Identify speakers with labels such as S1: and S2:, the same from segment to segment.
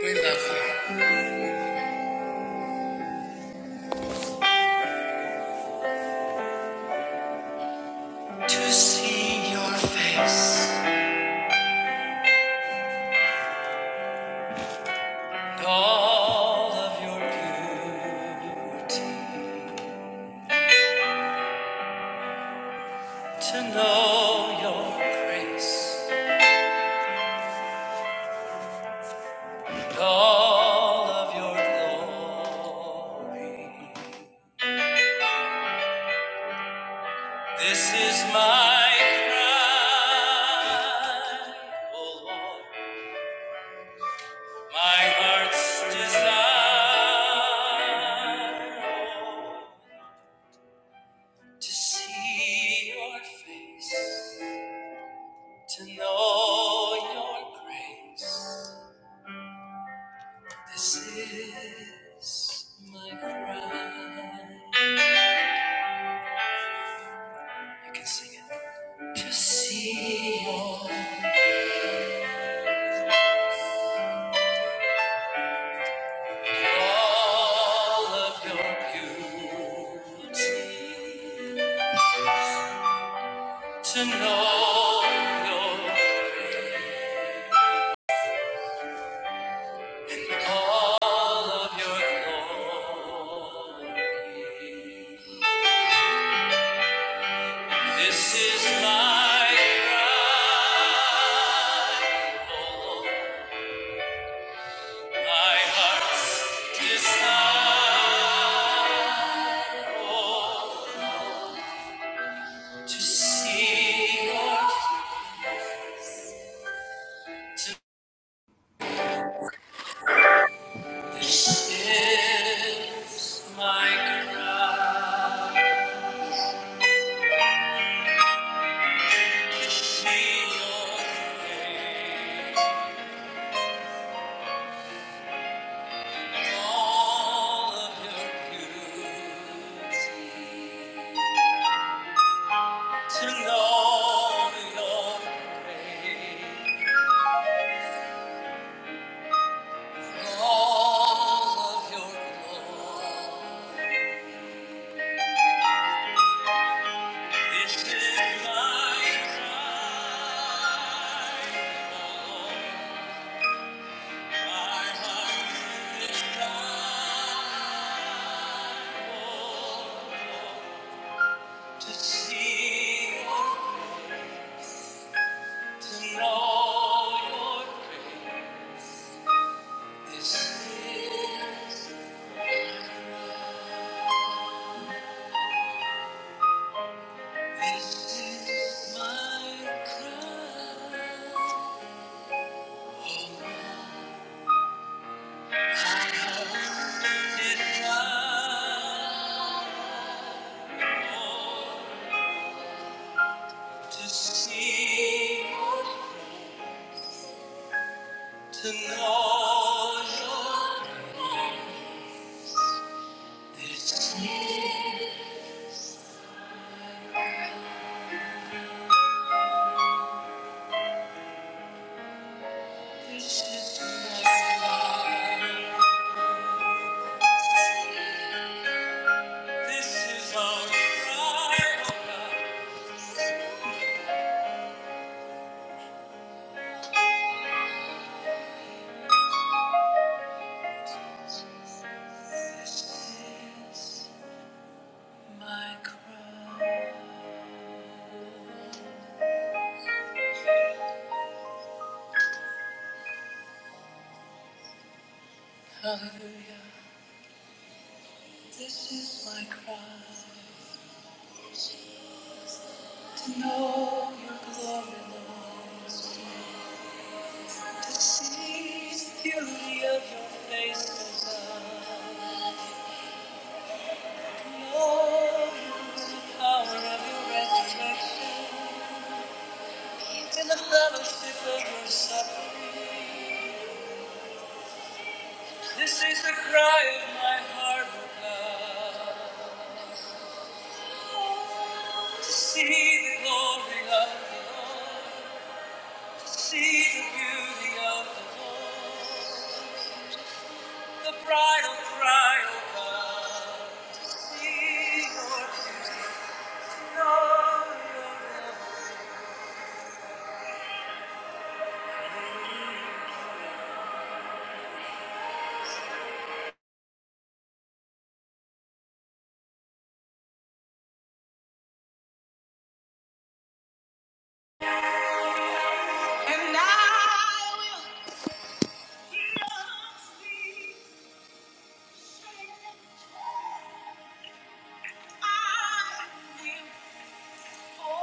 S1: We love you. To see your face and all of your beauty, to know your grace and all of your glory. This is my cry, O Lord, my heart's desire. To see your face to know your grace. This is my cry. You can sing it. To see all, all of your beauty, to know your, all of your glory. This is my cry. oh Lord. My heart's desire to see your face. This is my cry. To see your face, all of your beauty. To know your grace, all of your glory. This is my cry, my heart is crying to see, to know your grace. This is, this is my cry. My heart is crying. To see, to know your name. this is this is my life. This is my cry. This is my cry. Hallelujah. This is my cry. To know your glory, Lord. To see the beauty of your face, Lord. Oh, the power of your resurrection in the fellowship of your suffering. This is the cry of my heart, O God. To see the glory of the Lord, to see the beauty of the Lord, the bridal cry, O God. To see your beauty, to know your love. And I will. I will.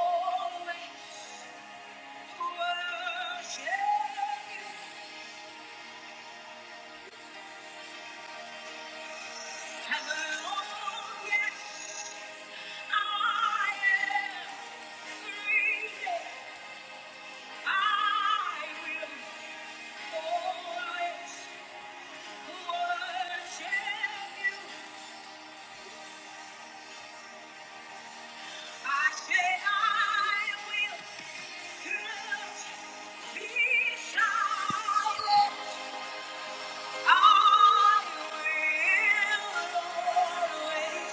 S1: Always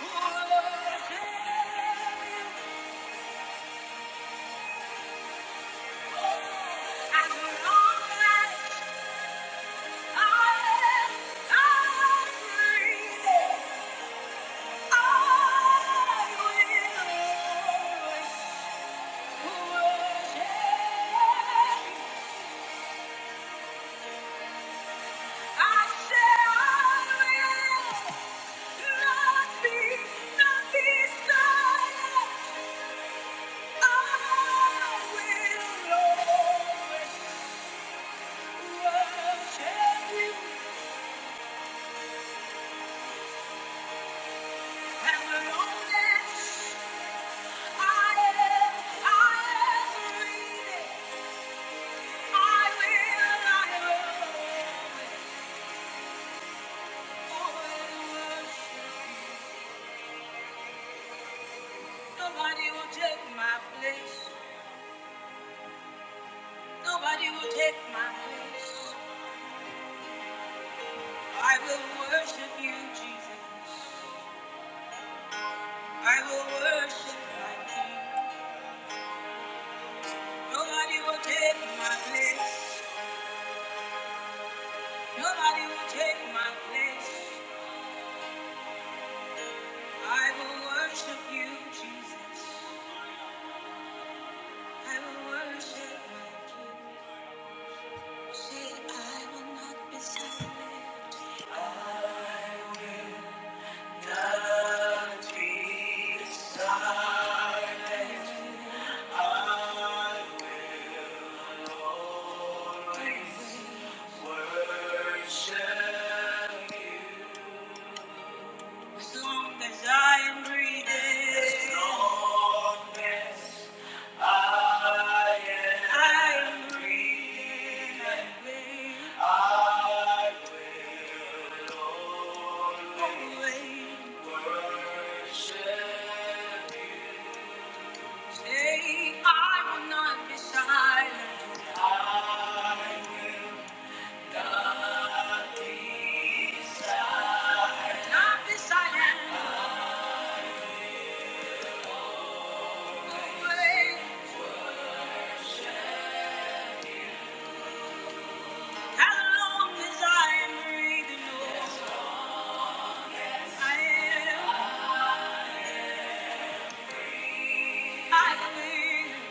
S1: Thank you. Nobody will take my place. Nobody will take my place. I will worship you, Jesus. I will worship my King. Nobody will take my place. Nobody will take my place. I will worship you, Jesus. I will worship my King. Say I will not be silent. I will worship you. As long as I am breathing, as long as I am, I am breathing, I will always worship you. Say, I will not be silent. I will not be silent. Not be silent. Say, I will not be silent. I will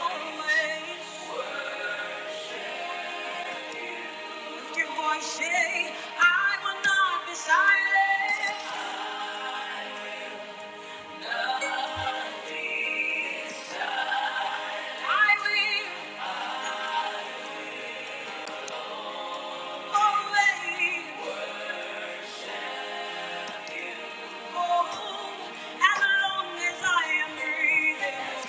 S1: always as long as I am breathing.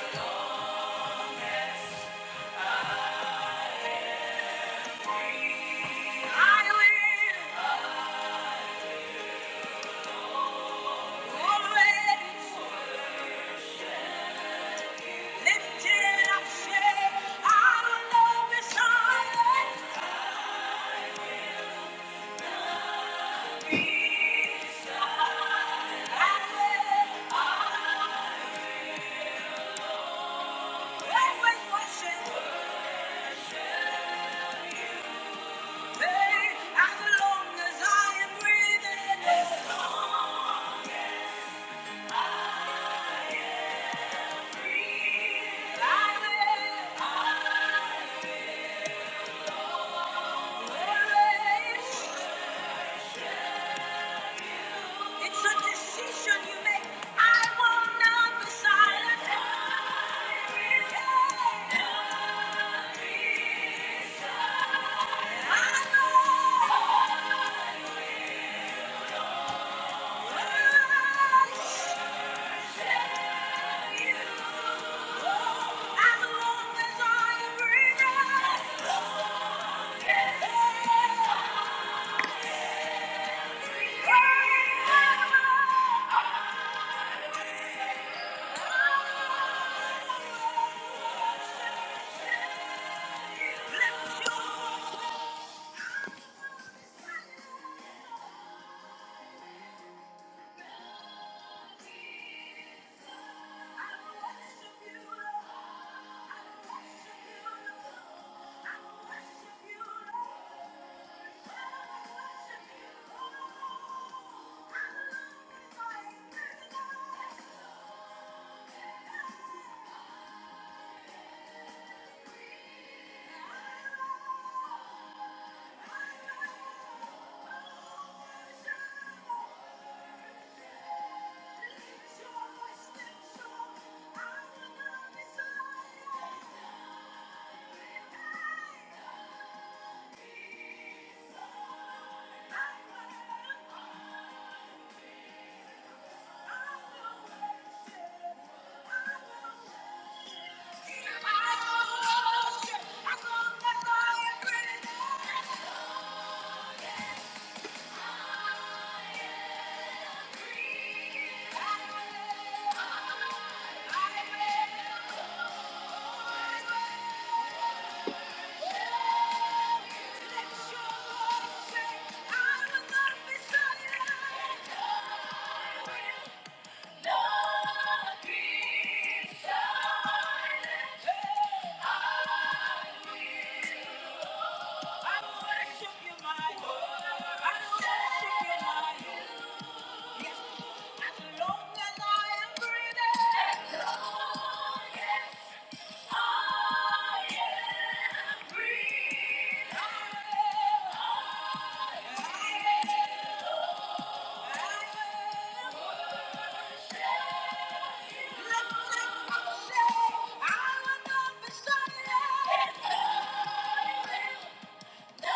S1: I will always lift it up, say, I will not be silent. It's a decision you make. I will not be silent. I know. Thank you. I will. I will worship you, my Lord. I will worship you, my Lord. Yes, as long as I am breathing. I am breathing. I will, I will, I will I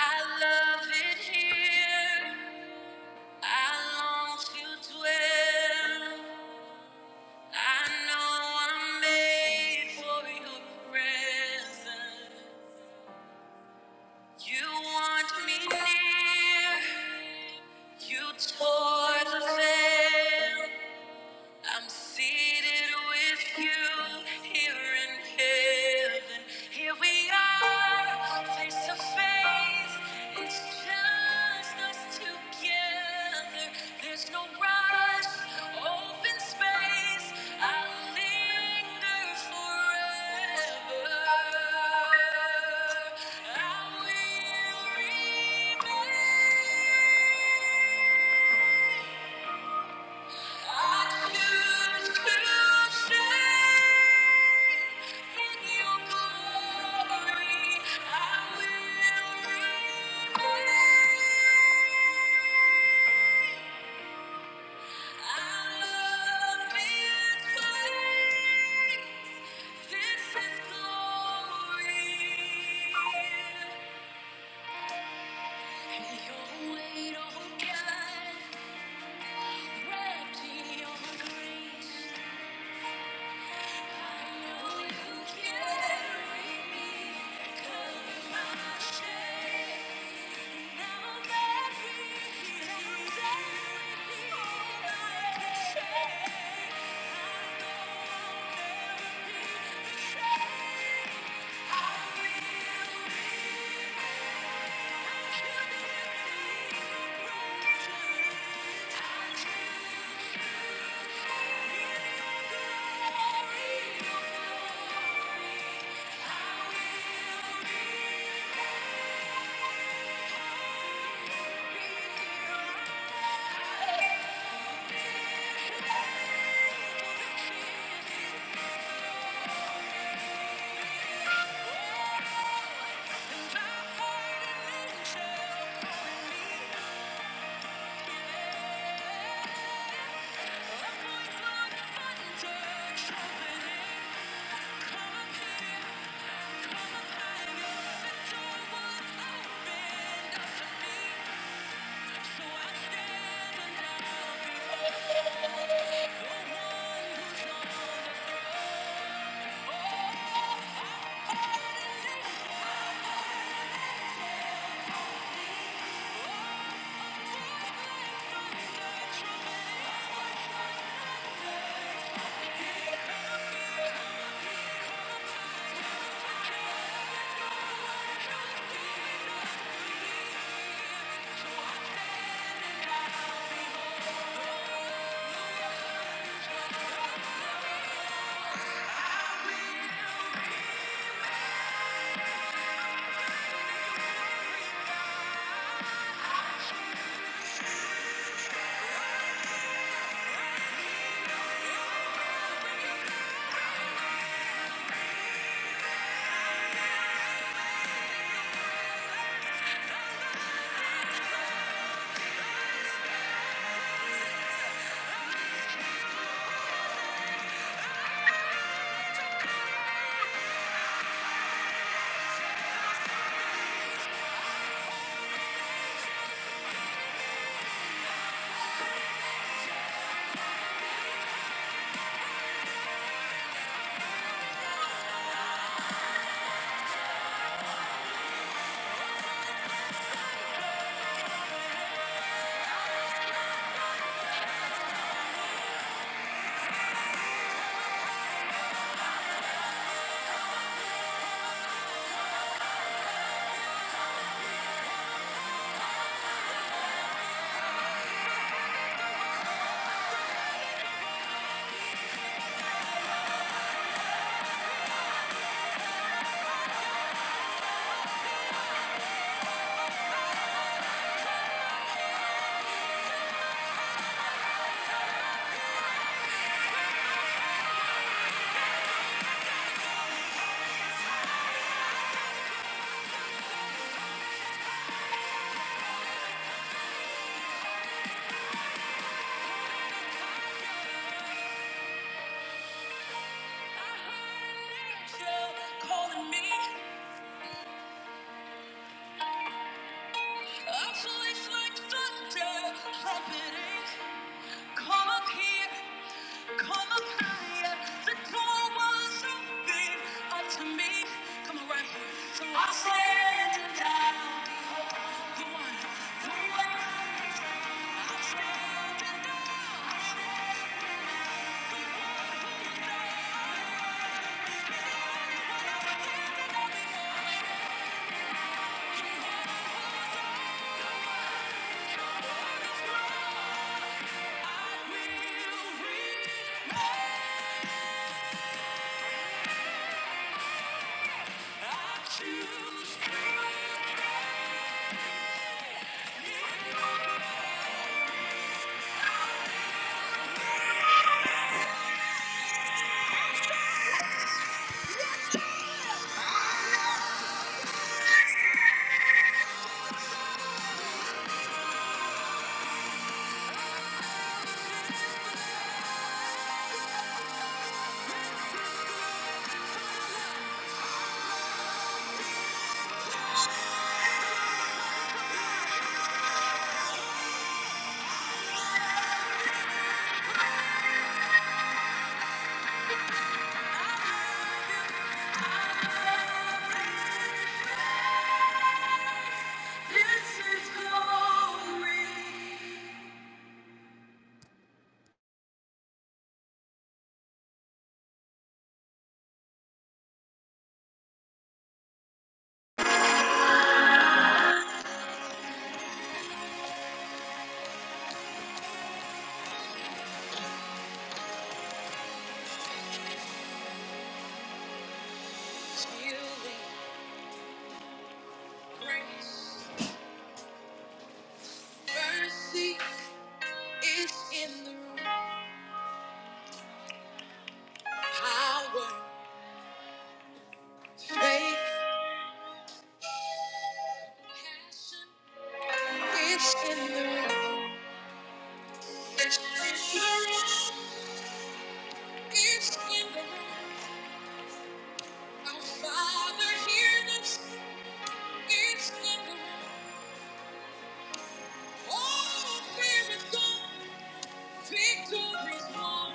S1: I love it here. I long to dwell. I know I'm made for your presence. You want me near, you tore the veil. I'm seated with you here in heaven. Here we are, face to face. It's just us together. There's no rush, open space. I'll linger forever. I will remain. I choose to stay. Your weight, oh God, wrapped in your grace. Calling me. A voice like thunder trumpeting, come up here, come up higher. The door was open unto me. Come on, right here. So I stand down. The one, the one. I stand down. This is glory. Healing, grace, mercy. It's in the room. Power, faith, passion. It's in the room. It's in the room. It's in the room. Our Father, hear us. It's in the room. All fear is gone. Victory's won.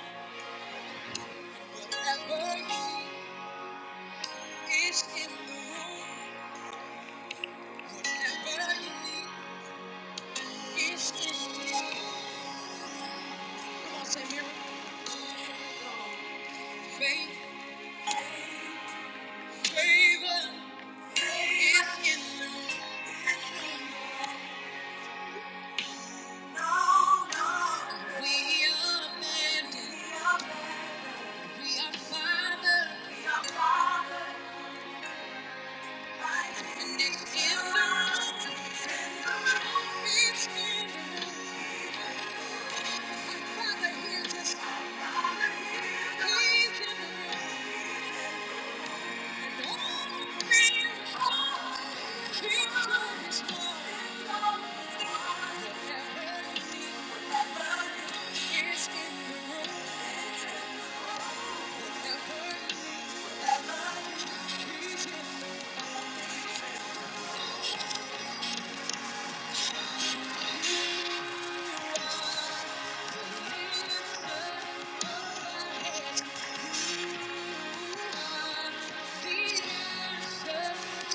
S1: Whatever you need, it's in the room. Whatever you need, it's in the room. Come on, say miracle. Faith. Father, hear this. Father, hear this. Please, in the room. The answer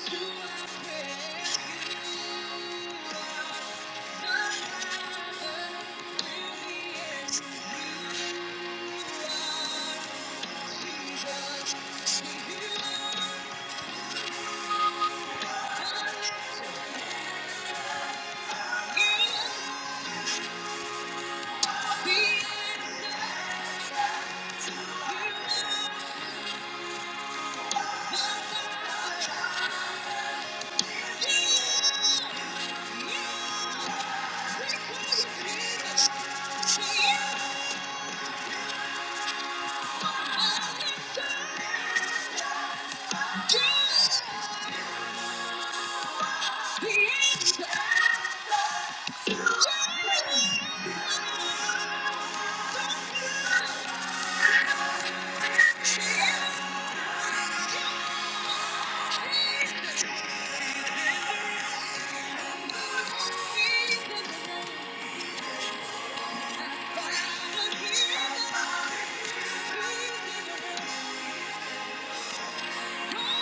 S1: to our prayer. Thank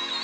S1: you.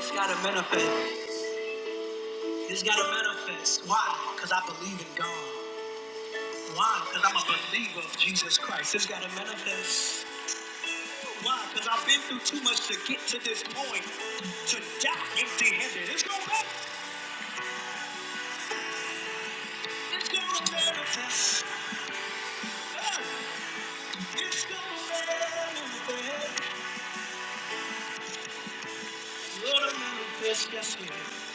S1: It's gotta manifest. It's gotta manifest. Why? Because I believe in God. Why? Because I'm a believer of Jesus Christ. It's gotta manifest. Why? Because I've been through too much to get to this point. To die empty handed. It's gonna manifest. It's gonna manifest. Ah, It's gonna manifest. Gonna manifest, yes it is.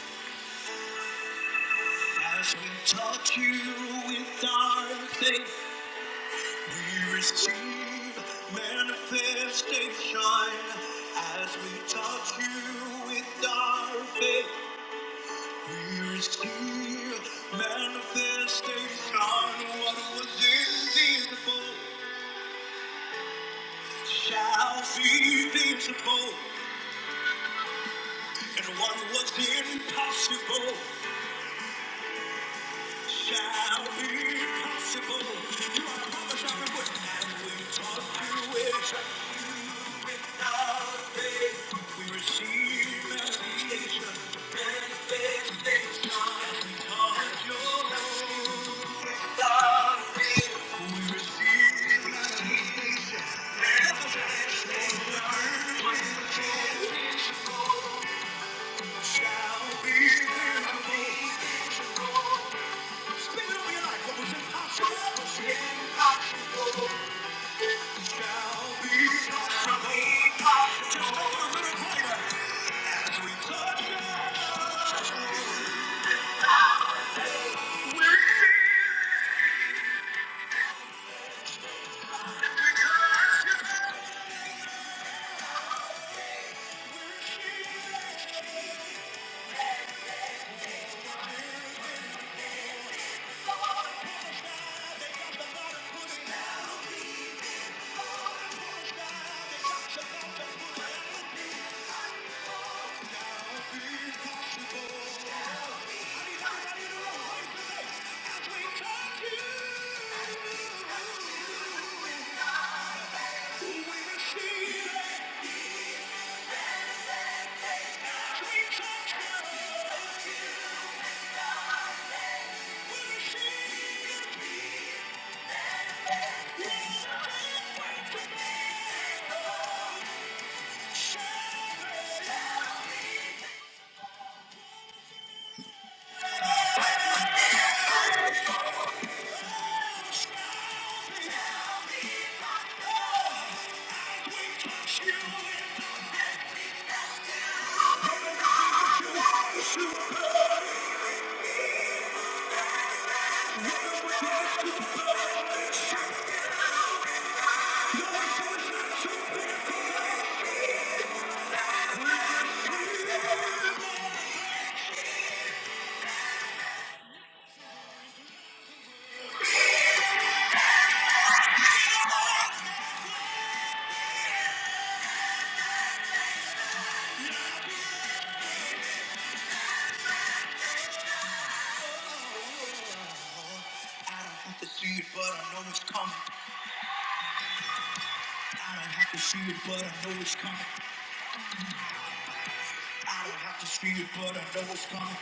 S1: As we touch you with our faith, we receive manifestation. As we touch you with our faith, we receive manifestation. What was invisible shall be visible. And what was impossible shall be possible. You are the mother shouting with and we talk to it. Without faith, we receive manifestation. Manifestation. And we talk your without faith, we receive it. shall be visible. Speak it over your life. What was impossible What impossible shall be possible. Just hold a little as we touch it. I have to see it, but I know it's coming. I don't have to see it, but I know it's coming. I don't have to see it, but I know it's coming.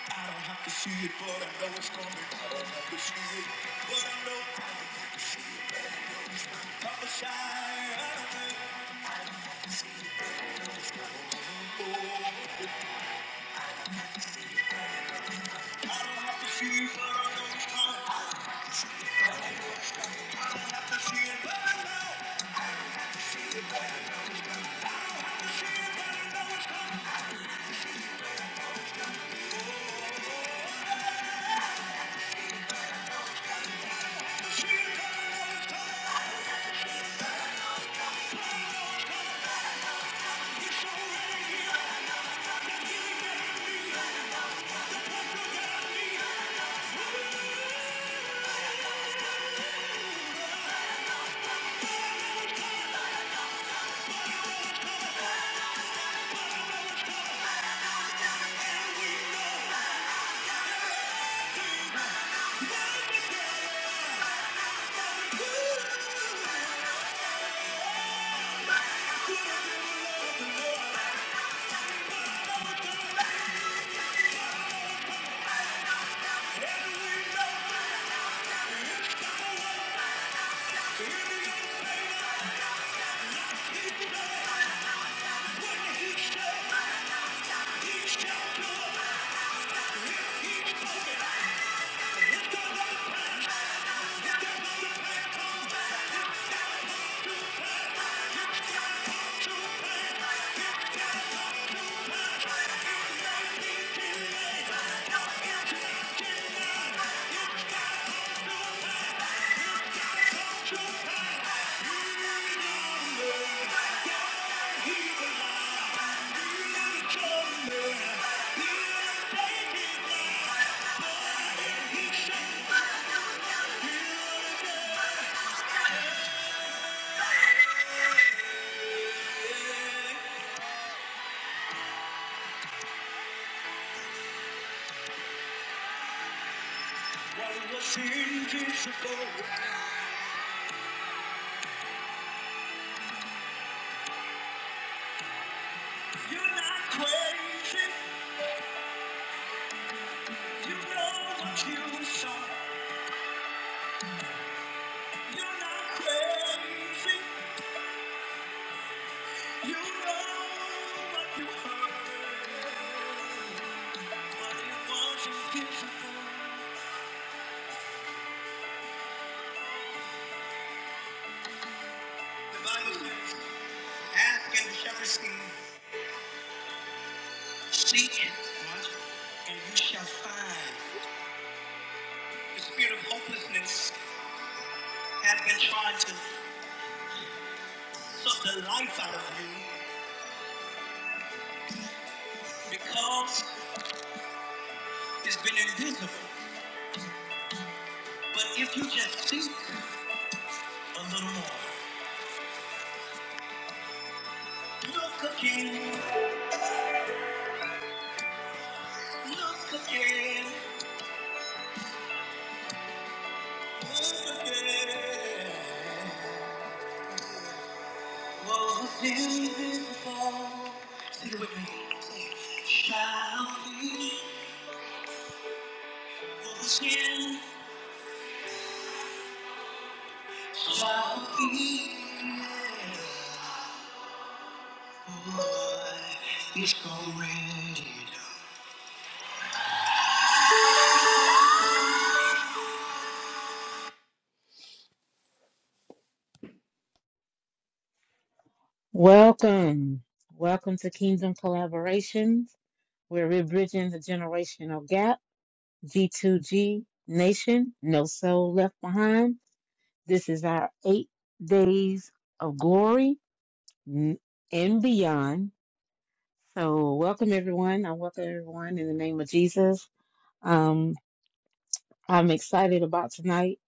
S1: I don't have to see it, but I know it's coming. I don't have to see it, but I know. You're not crazy. You know what you saw. You're not crazy. You know what you heard. But it wasn't visible. The Bible says, ask and you shall receive. Seek what? and you shall find. The spirit of hopelessness has been trying to suck the life out of you because it's been invisible. But if you just seek a little more, look again, look again, look again. What invisible,
S2: Welcome. Welcome to Kingdom Collaborations, where we're bridging the generational gap. G2G Nation, no soul left behind. This is our eight days of glory n- and beyond. So, welcome everyone. I welcome everyone in the name of Jesus. Um, I'm excited about tonight.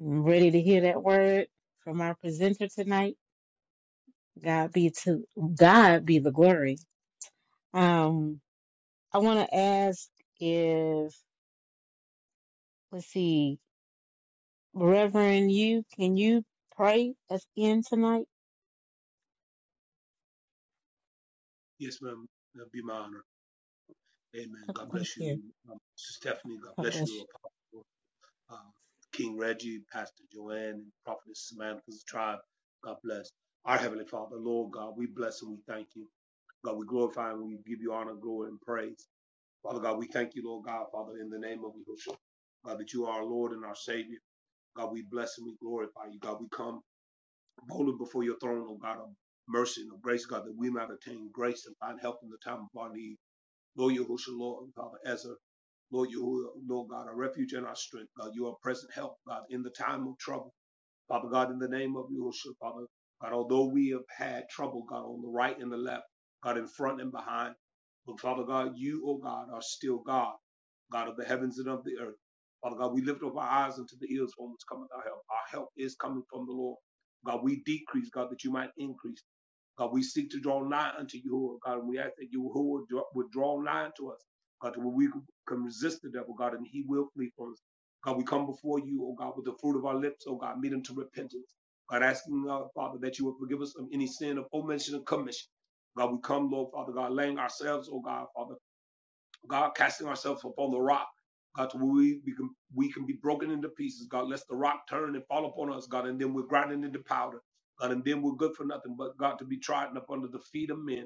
S2: I'm ready to hear that word from our presenter tonight. God be to God be the glory. Um, I want to ask if, let's see, Reverend, you can you pray us in tonight?
S3: Yes, ma'am. Uh, Be my honor. Amen.
S2: Oh,
S3: God
S2: Thank
S3: bless
S2: you.
S3: you, um, Sister Stephanie. God
S2: God
S3: bless you,
S2: bless
S3: Apostle uh, King Reggie, Pastor Joanne, and Prophetess Samantha's tribe. God bless. Our Heavenly Father, Lord God, we bless and we thank you. God, we glorify and we give you honor, glory, and praise. Father God, we thank you, Lord God, Father, in the name of Yahushua. God, that you are our Lord and our Savior. God, we bless and we glorify you. God, we come boldly before your throne, oh God, of mercy and of grace, God, that we might obtain grace and find help in the time of our need. Lord Yahushua, Lord Father a Lord Yahuwah, Lord God, our refuge and our strength, God. You are present help, God, in the time of trouble. Father God, in the name of Yahushua, Father, God, although we have had trouble, God, on the right and the left, God, in front and behind, but Father God, you, oh God, are still God, God of the heavens and of the earth. Father God, we lift up our eyes unto the hills from which cometh our help. Our help is coming from the Lord. God, we decrease, God, that you might increase. God, we seek to draw nigh unto you, God, we ask that you who would draw, nigh to us, God, that we can resist the devil, God, and he will flee from us. God, we come before you, oh God, with the fruit of our lips, oh God, meet to repentance. God, asking, uh, Father, that you would forgive us of any sin of omission and commission. God, we come, Lord, Father God, laying ourselves, oh God, Father God, casting ourselves upon the rock. God, we, we, can, we can be broken into pieces. God, lest the rock turn and fall upon us, God, and then we're grinding into powder. God, and then we're good for nothing but, God, to be trodden up under the feet of men.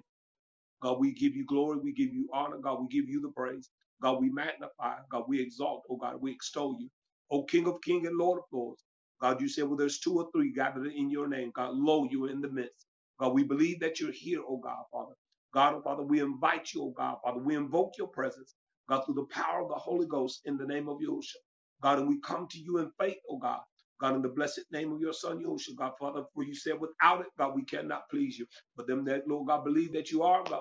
S3: God, we give you glory. We give you honor. God, we give you the praise. God, we magnify. God, we exalt. Oh, God, we extol you. Oh, King of kings and Lord of lords. God, you said, well, there's two or three gathered in your name. God, lo, you are in the midst. God, we believe that you're here, oh God, Father. God, oh Father, we invite you, oh God, Father. We invoke your presence, God, through the power of the Holy Ghost in the name of Yahushua. God, and we come to you in faith, oh God. God, in the blessed name of your son, Yahushua, God, Father, for you said, without it, God, we cannot please you. But them that, Lord God, believe that you are, God.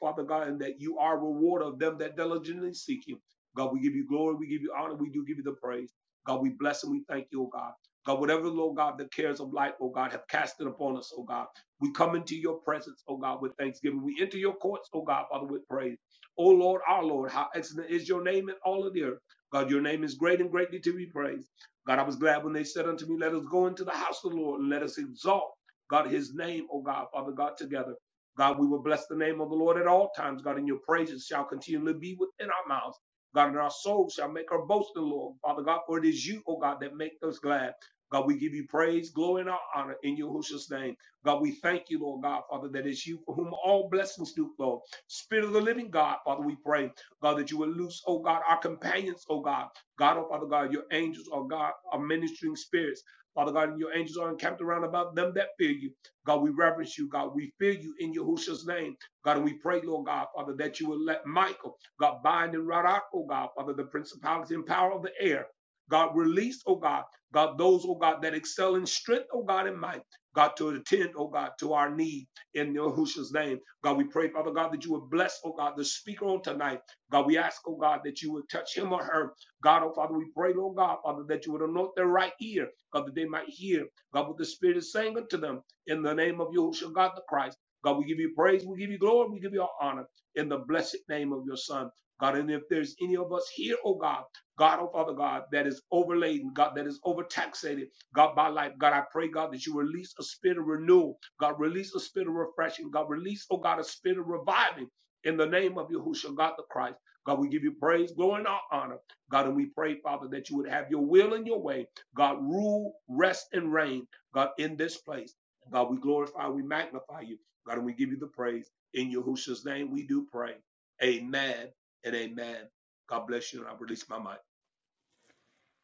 S3: Father God, and that you are a rewarder of them that diligently seek you. God, we give you glory, we give you honor, we do give you the praise. God, we bless and we thank you, oh God. God, whatever, Lord God, the cares of life, oh God, have cast it upon us, oh God. We come into your presence, oh God, with thanksgiving. We enter your courts, oh God, Father, with praise. Oh Lord, our Lord, how excellent is your name in all of the earth. God, your name is great and greatly to be praised. God, I was glad when they said unto me, Let us go into the house of the Lord and let us exalt, God, his name, oh God, Father God, together. God, we will bless the name of the Lord at all times. God, and your praises shall continually be within our mouths. God, and our souls shall make our boast in the Lord. Father God, for it is you, oh God, that make us glad. God, we give you praise, glory, and honor in Yahushua's name. God, we thank you, Lord God, Father, that it's you for whom all blessings do flow. Spirit of the living God, Father, we pray, God, that you will loose, oh God, our companions, oh God. God, oh Father God, your angels, oh God, are ministering spirits. Father God, and your angels are encamped around about them that fear you. God, we reverence you. God, we fear you in Yahushua's name. God, and we pray, Lord God, Father, that you would let Michael, God, bind in rout oh God, Father, the principality and power of the air. God, release, oh God, God, those, oh God, that excel in strength, oh God, and might. God, to attend, oh God, to our need in Yahushua's name. God, we pray, Father God, that you would bless, oh God, the speaker on tonight. God, we ask, oh God, that you would touch him or her. God, oh Father, we pray, Lord God, Father, that you would anoint their right ear, God, that they might hear, God, what the Spirit is saying unto them in the name of Yahushua God the Christ. God, we give you praise, we give you glory, we give you honor in the blessed name of your Son. God, and if there's any of us here, oh God, God, oh Father God, that is overladen, God, that is overtaxated, God, by life, God, I pray, God, that you release a spirit of renewal, God, release a spirit of refreshing, God, release, oh God, a spirit of reviving in the name of Yahushua God the Christ. God, we give you praise, glory, and honor. God, and we pray, Father, that you would have your will and your way. God, rule, rest, and reign, God, in this place. God, we glorify, we magnify you. God, and we give you the praise. In Yahushua's name, we do pray. Amen and amen. God bless you, and I release my mic.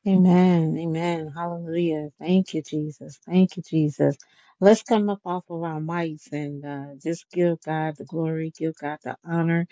S2: you. Amen. Amen. Hallelujah. Thank you, Jesus. Thank you, Jesus. Let's come up off of our mics and uh, just give God the glory, give God the honor.